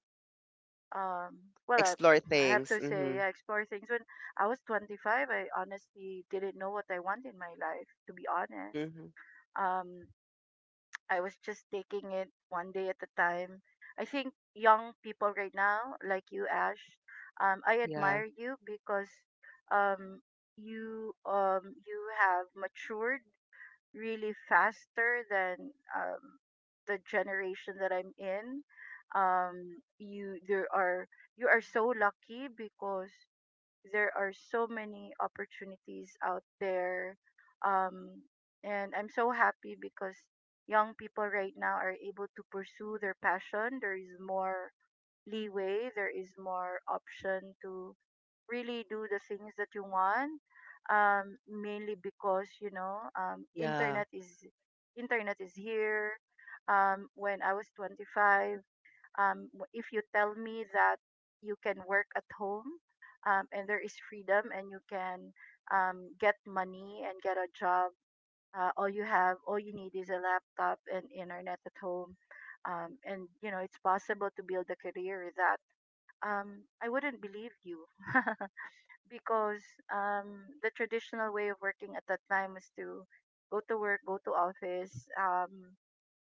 [SPEAKER 2] um well I,
[SPEAKER 1] Explore
[SPEAKER 2] I have to
[SPEAKER 1] things.
[SPEAKER 2] say
[SPEAKER 1] Mm-hmm.
[SPEAKER 2] I explore things. When I was twenty-five, I honestly didn't know what I want in my life, to be honest.
[SPEAKER 1] Mm-hmm.
[SPEAKER 2] um I was just taking it one day at a time. I think young people right now, like you, Ash, um I
[SPEAKER 1] Yeah.
[SPEAKER 2] admire you because um you um you have matured really faster than um, the generation that I'm in. Um, you there are you are so lucky because there are so many opportunities out there, um, and I'm so happy because young people right now are able to pursue their passion. There is more leeway. There is more option to really do the things that you want, um mainly because you know um
[SPEAKER 1] Yeah.
[SPEAKER 2] internet is internet is here. Um when I was twenty-five, um w- if you tell me that you can work at home um and there is freedom and you can um get money and get a job, uh, all you have all you need is a laptop and internet at home, um and you know it's possible to build a career with that, um I wouldn't believe you because um, the traditional way of working at that time was to go to work, go to office, um,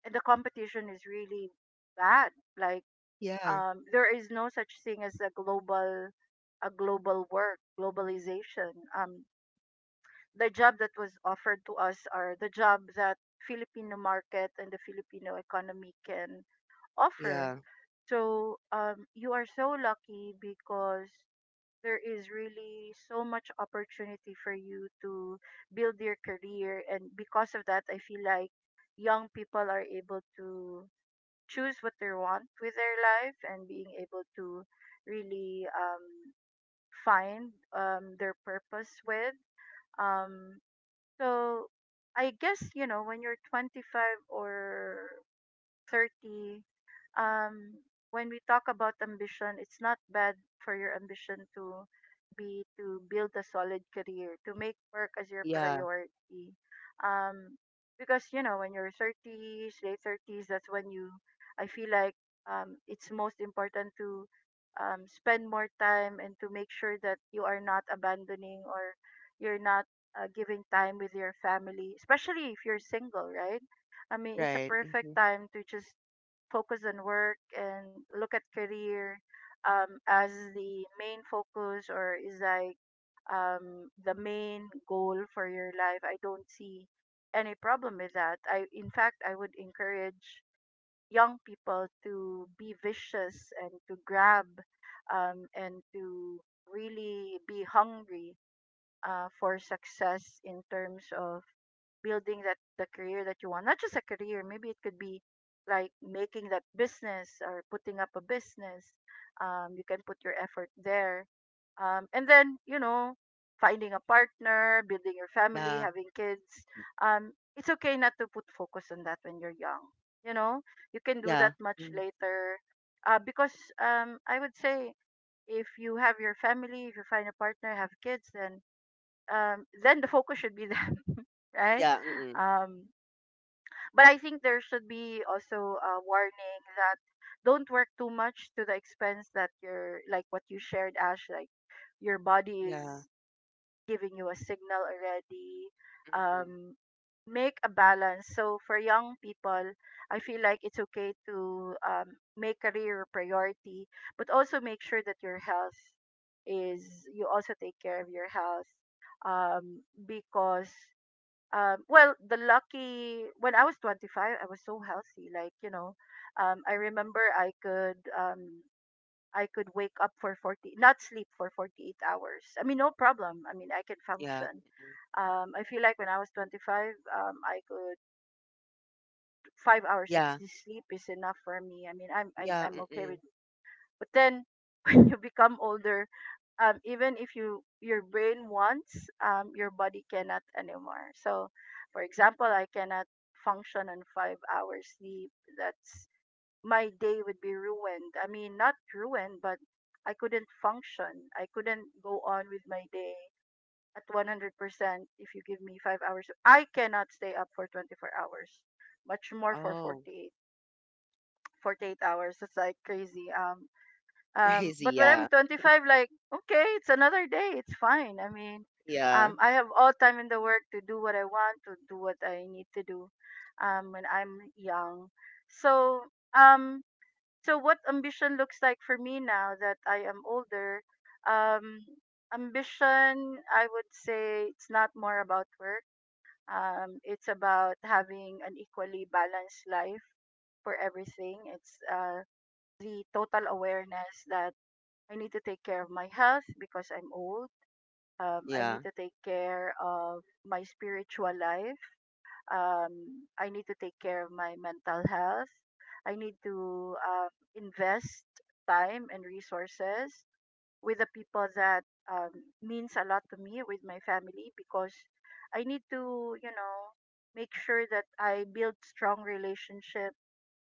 [SPEAKER 2] and the competition is really bad. Like
[SPEAKER 1] Yeah.
[SPEAKER 2] um, there is no such thing as a global, a global work, globalization. Um, the job that was offered to us are the job that Filipino market and the Filipino economy can offer.
[SPEAKER 1] Yeah.
[SPEAKER 2] So um, you are so lucky because there is really so much opportunity for you to build your career, and because of that I feel like young people are able to choose what they want with their life and being able to really um, find um, their purpose with um, so I guess, you know when you're twenty-five or thirty, um, when we talk about ambition, it's not bad for your ambition to be to build a solid career, to make work as your
[SPEAKER 1] Yeah.
[SPEAKER 2] priority. Um, because you know, when you're thirties, late thirties, that's when you, I feel like um, it's most important to um, spend more time and to make sure that you are not abandoning or you're not uh, giving time with your family, especially if you're single, right? I mean, it's a
[SPEAKER 1] Right.
[SPEAKER 2] perfect
[SPEAKER 1] Mm-hmm.
[SPEAKER 2] time to just focus on work and look at career um, as the main focus, or is like um, the main goal for your life. I don't see any problem with that. I, in fact, I would encourage young people to be vicious and to grab um, and to really be hungry uh, for success in terms of building that the career that you want. Not just a career, maybe it could be like making that business or putting up a business. Um, you can put your effort there, um, and then you know finding a partner, building your family,
[SPEAKER 1] Yeah.
[SPEAKER 2] having kids. Um, it's okay not to put focus on that when you're young, you know you can do that
[SPEAKER 1] Yeah.
[SPEAKER 2] much
[SPEAKER 1] Mm.
[SPEAKER 2] later, uh, because um, I would say if you have your family, if you find a partner, have kids, then um, then the focus should be them, right?
[SPEAKER 1] Yeah. Mm-mm.
[SPEAKER 2] um, but I think there should be also a warning that don't work too much to the expense that you're like what you shared, Ash, like your body
[SPEAKER 1] Yeah.
[SPEAKER 2] is giving you a signal already.
[SPEAKER 1] Mm-hmm.
[SPEAKER 2] Um, make a balance. So for young people, I feel like it's okay to um, make career a priority, but also make sure that your health is you also take care of your health um because um, well, the lucky when I was twenty-five, I was so healthy. Like, you know, um, I remember I could um, I could wake up for forty, not sleep for forty-eight hours. I mean, no problem. I mean, I can
[SPEAKER 1] Yeah.
[SPEAKER 2] function.
[SPEAKER 1] Mm-mm.
[SPEAKER 2] Um, I feel like when I was twenty-five, um, I could five hours of
[SPEAKER 1] Yeah.
[SPEAKER 2] s- sleep is enough for me. I mean, I'm I,
[SPEAKER 1] Yeah.
[SPEAKER 2] I'm okay
[SPEAKER 1] Mm-mm.
[SPEAKER 2] with. But then when you become older, um, even if you your brain wants, um, your body cannot anymore. So, for example, I cannot function on five hours sleep. That's my day would be ruined. I mean, not ruined, but I couldn't function. I couldn't go on with my day at one hundred percent if you give me five hours. I cannot stay up for twenty-four hours, much more for
[SPEAKER 1] Oh,
[SPEAKER 2] forty-eight, forty-eight hours. It's like crazy. Um, um,
[SPEAKER 1] crazy.
[SPEAKER 2] but when I'm
[SPEAKER 1] Yeah.
[SPEAKER 2] twenty-five, like, okay, it's another day. It's fine. I mean,
[SPEAKER 1] Yeah.
[SPEAKER 2] um, I have all time in the work to do what I want, to do what I need to do, um, when I'm young. So, um, so what ambition looks like for me now that I am older, um, ambition, I would say, it's not more about work. Um, it's about having an equally balanced life for everything. It's, uh, the total awareness that I need to take care of my health because I'm old. Um, I need
[SPEAKER 1] Yeah.
[SPEAKER 2] to take care of my spiritual life. Um, I need to take care of my mental health. I need to um, invest time and resources with the people that um, means a lot to me, with my family, because I need to, you know, make sure that I build strong relationship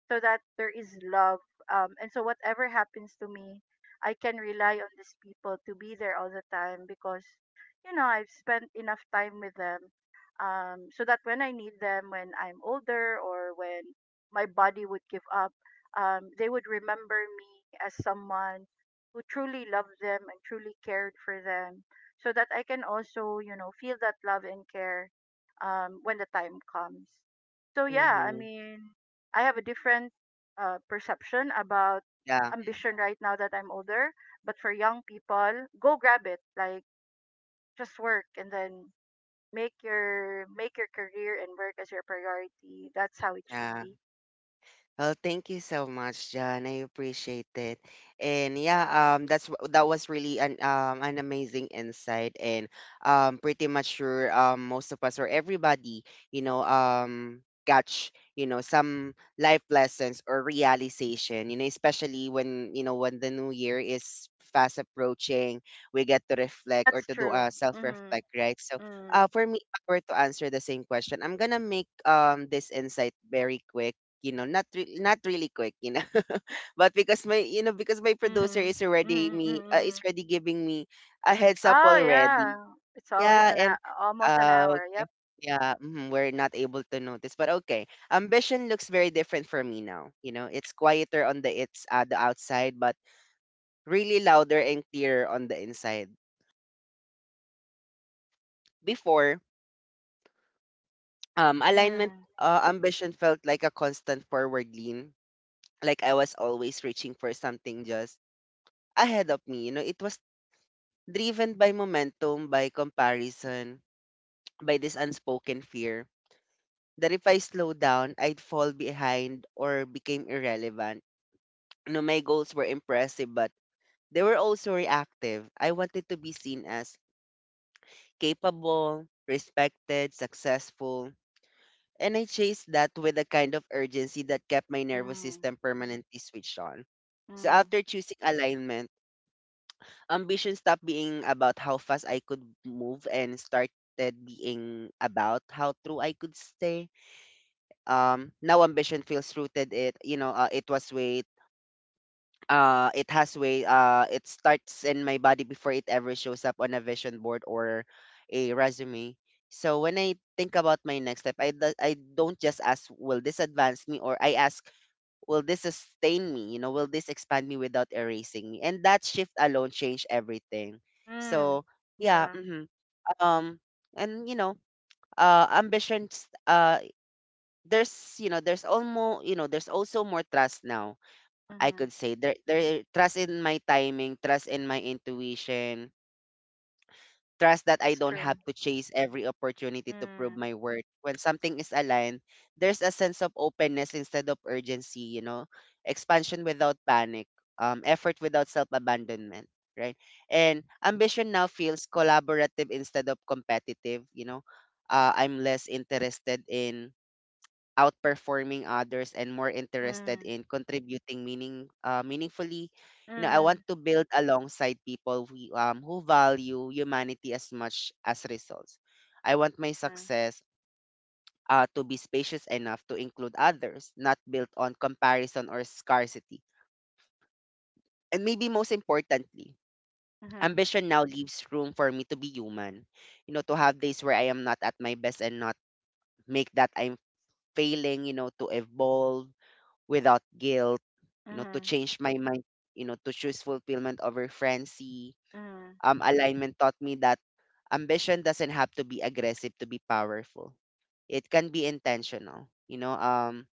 [SPEAKER 2] so that there is love. Um, and so whatever happens to me, I can rely on these people to be there all the time because, you know, I've spent enough time with them. Um, so that when I need them, when I'm older or when my body would give up, um, they would remember me as someone who truly loved them and truly cared for them, so that I can also, you know, feel that love and care um, when the time comes. So yeah, I
[SPEAKER 1] Mm-hmm.
[SPEAKER 2] mean, I have a different uh, perception about
[SPEAKER 1] Yeah.
[SPEAKER 2] ambition right now that I'm older. But for young people, go grab it. Like, just work, and then make your make your career and work as your priority. That's how it should
[SPEAKER 1] Yeah.
[SPEAKER 2] be.
[SPEAKER 1] Well, thank you so much, John. I appreciate it. And yeah, um, that's w- that was really an um an amazing insight, and um, pretty much sure um most of us or everybody, you know, um, catch you know some life lessons or realization. You know, especially when you know when the new year is fast approaching, we get to reflect or
[SPEAKER 2] That's
[SPEAKER 1] to do
[SPEAKER 2] true.
[SPEAKER 1] a self
[SPEAKER 2] Mhm.
[SPEAKER 1] reflect, right? So,
[SPEAKER 2] Hmm.
[SPEAKER 1] uh, for me, if I were to answer the same question, I'm gonna make um this insight very quick you know, not re- not really quick, you know, but because my you know because my producer
[SPEAKER 2] Mhm.
[SPEAKER 1] is already
[SPEAKER 2] Mhm.
[SPEAKER 1] me uh, is
[SPEAKER 2] Mhm.
[SPEAKER 1] already giving me a heads up
[SPEAKER 2] Oh
[SPEAKER 1] already.
[SPEAKER 2] yeah. It's always
[SPEAKER 1] Yeah,
[SPEAKER 2] an
[SPEAKER 1] and
[SPEAKER 2] hou- almost an
[SPEAKER 1] uh,
[SPEAKER 2] hour.
[SPEAKER 1] okay,
[SPEAKER 2] Yep.
[SPEAKER 1] yeah, mhm, we're not able to notice, but okay. Ambition looks very different for me now. You know, it's quieter on the it's uh, the outside, but really louder and clearer on the inside. Before, um, alignment
[SPEAKER 2] Mm.
[SPEAKER 1] uh, ambition felt like a constant forward lean, like I was always reaching for something just ahead of me. You know, it was driven by momentum, by comparison, by this unspoken fear that if I slow down, I'd fall behind or became irrelevant. You know, my goals were impressive, but they were also reactive. I wanted to be seen as capable, respected, successful. And I chased that with a kind of urgency that kept my nervous
[SPEAKER 2] Mm.
[SPEAKER 1] system permanently switched on. So
[SPEAKER 2] Mm.
[SPEAKER 1] after choosing alignment, ambition stopped being about how fast I could move and started being about how true I could stay. Um, now ambition feels rooted. It you know uh, It was weight. Uh, it has weight. Uh, it starts in my body before it ever shows up on a vision board or a resume. So when I think about my next step, I do- I don't just ask will this advance me or I ask will this sustain me? You know, will this expand me without erasing me? And that shift alone changed everything.
[SPEAKER 2] Mm.
[SPEAKER 1] So yeah,
[SPEAKER 2] Yeah.
[SPEAKER 1] hmm um, and you know, uh, ambitions. Uh, there's you know, there's almost you know, There's also more trust now. I
[SPEAKER 2] Mhm.
[SPEAKER 1] could say there, there trust in my timing, trust in my intuition, trust that I
[SPEAKER 2] That's
[SPEAKER 1] don't have
[SPEAKER 2] true.
[SPEAKER 1] to chase every opportunity to prove
[SPEAKER 2] Mm.
[SPEAKER 1] my worth. When something is aligned, there's a sense of openness instead of urgency, you know, expansion without panic, um, effort without self abandonment, right? And ambition now feels collaborative instead of competitive, you know. Uh, I'm less interested in outperforming others and more interested
[SPEAKER 2] Mm.
[SPEAKER 1] in contributing meaning uh, meaningfully. you know I want
[SPEAKER 2] Mm.
[SPEAKER 1] to build alongside people who, um, who value humanity as much as results. I want my
[SPEAKER 2] Uh
[SPEAKER 1] success uh, to be spacious enough to include others, not built on comparison or scarcity. And maybe most importantly,
[SPEAKER 2] Uh huh.
[SPEAKER 1] ambition now leaves room for me to be human, you know to have days where I am not at my best and not make that I'm failing, you know to evolve without guilt, you know, to
[SPEAKER 2] huh.
[SPEAKER 1] change my mind, you know, to choose fulfillment over frenzy.
[SPEAKER 2] Uh huh.
[SPEAKER 1] Um, alignment taught me that ambition doesn't have to be aggressive to be powerful. It can be intentional, you know, um,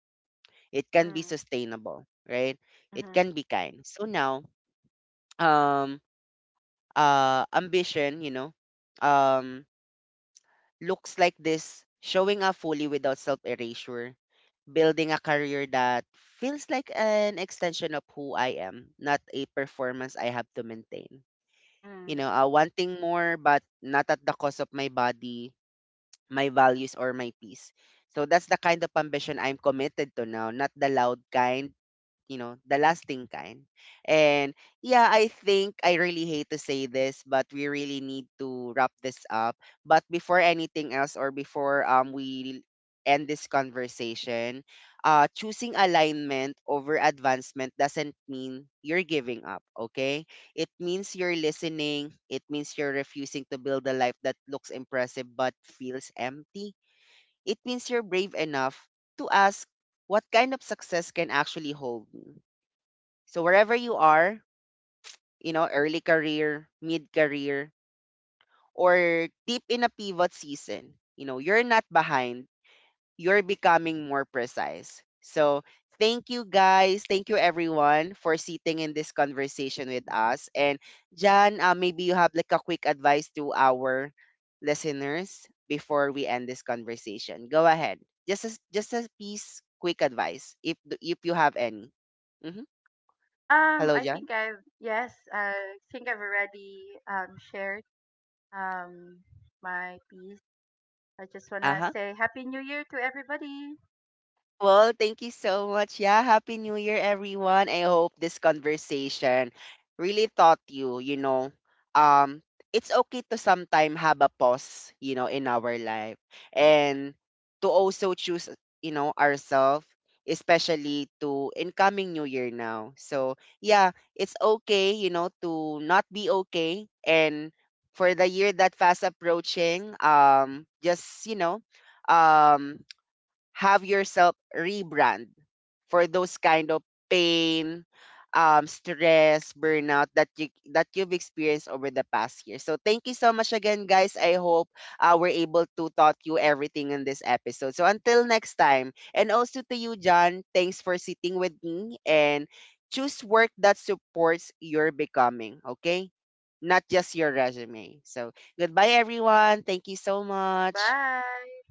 [SPEAKER 1] it
[SPEAKER 2] Uh
[SPEAKER 1] can be
[SPEAKER 2] huh.
[SPEAKER 1] sustainable, right? It
[SPEAKER 2] Uh
[SPEAKER 1] can be kind. So now, um, uh, ambition, you know, um, looks like this, showing up fully without self erasure, building a career that feels like an extension of who I am, not a performance I have to maintain.
[SPEAKER 2] huh.
[SPEAKER 1] You know, uh, wanting more, but not at the cost of my body, my values, or my peace. So that's the kind of ambition I'm committed to now, not the loud kind, you know, the lasting kind. And yeah, I think I really hate to say this, but we really need to wrap this up. But before anything else or before um we end this conversation, uh choosing alignment over advancement doesn't mean you're giving up, okay? It means you're listening, it means you're refusing to build a life that looks impressive but feels empty. It means you're brave enough to ask what kind of success can actually hold me. So wherever you are, you know, early career, mid career, or deep in a pivot season, you know, you're not behind. You're becoming more precise. So thank you guys. Thank you everyone for sitting in this conversation with us. And Jan, uh, maybe you have like a quick advice to our listeners before we end this conversation. Go ahead. Just a, just a piece quick advice if if you have any. Hmm
[SPEAKER 2] Um,
[SPEAKER 1] Hello,
[SPEAKER 2] I
[SPEAKER 1] Jan.
[SPEAKER 2] think I've yes, I think I've already um shared um my piece. I just wanna
[SPEAKER 1] Uh-huh.
[SPEAKER 2] say Happy New Year to everybody.
[SPEAKER 1] Well, thank you so much. Yeah, Happy New Year, everyone. I hope this conversation really taught you, you know, um, it's okay to sometime have a pause, you know, in our life, and to also choose, you know, ourselves, especially to incoming New Year now. So, yeah, it's okay, you know, to not be okay. And for the year that fast approaching, um, just, you know, um, have yourself rebrand for those kind of pain, um, stress, burnout that you that you've experienced over the past year. So thank you so much again, guys. I hope uh, we're able to taught you everything in this episode. So until next time, and also to you, John, thanks for sitting with me and choose work that supports your becoming. Okay. Not just your resume. So goodbye, everyone. Thank you so much.
[SPEAKER 2] Bye.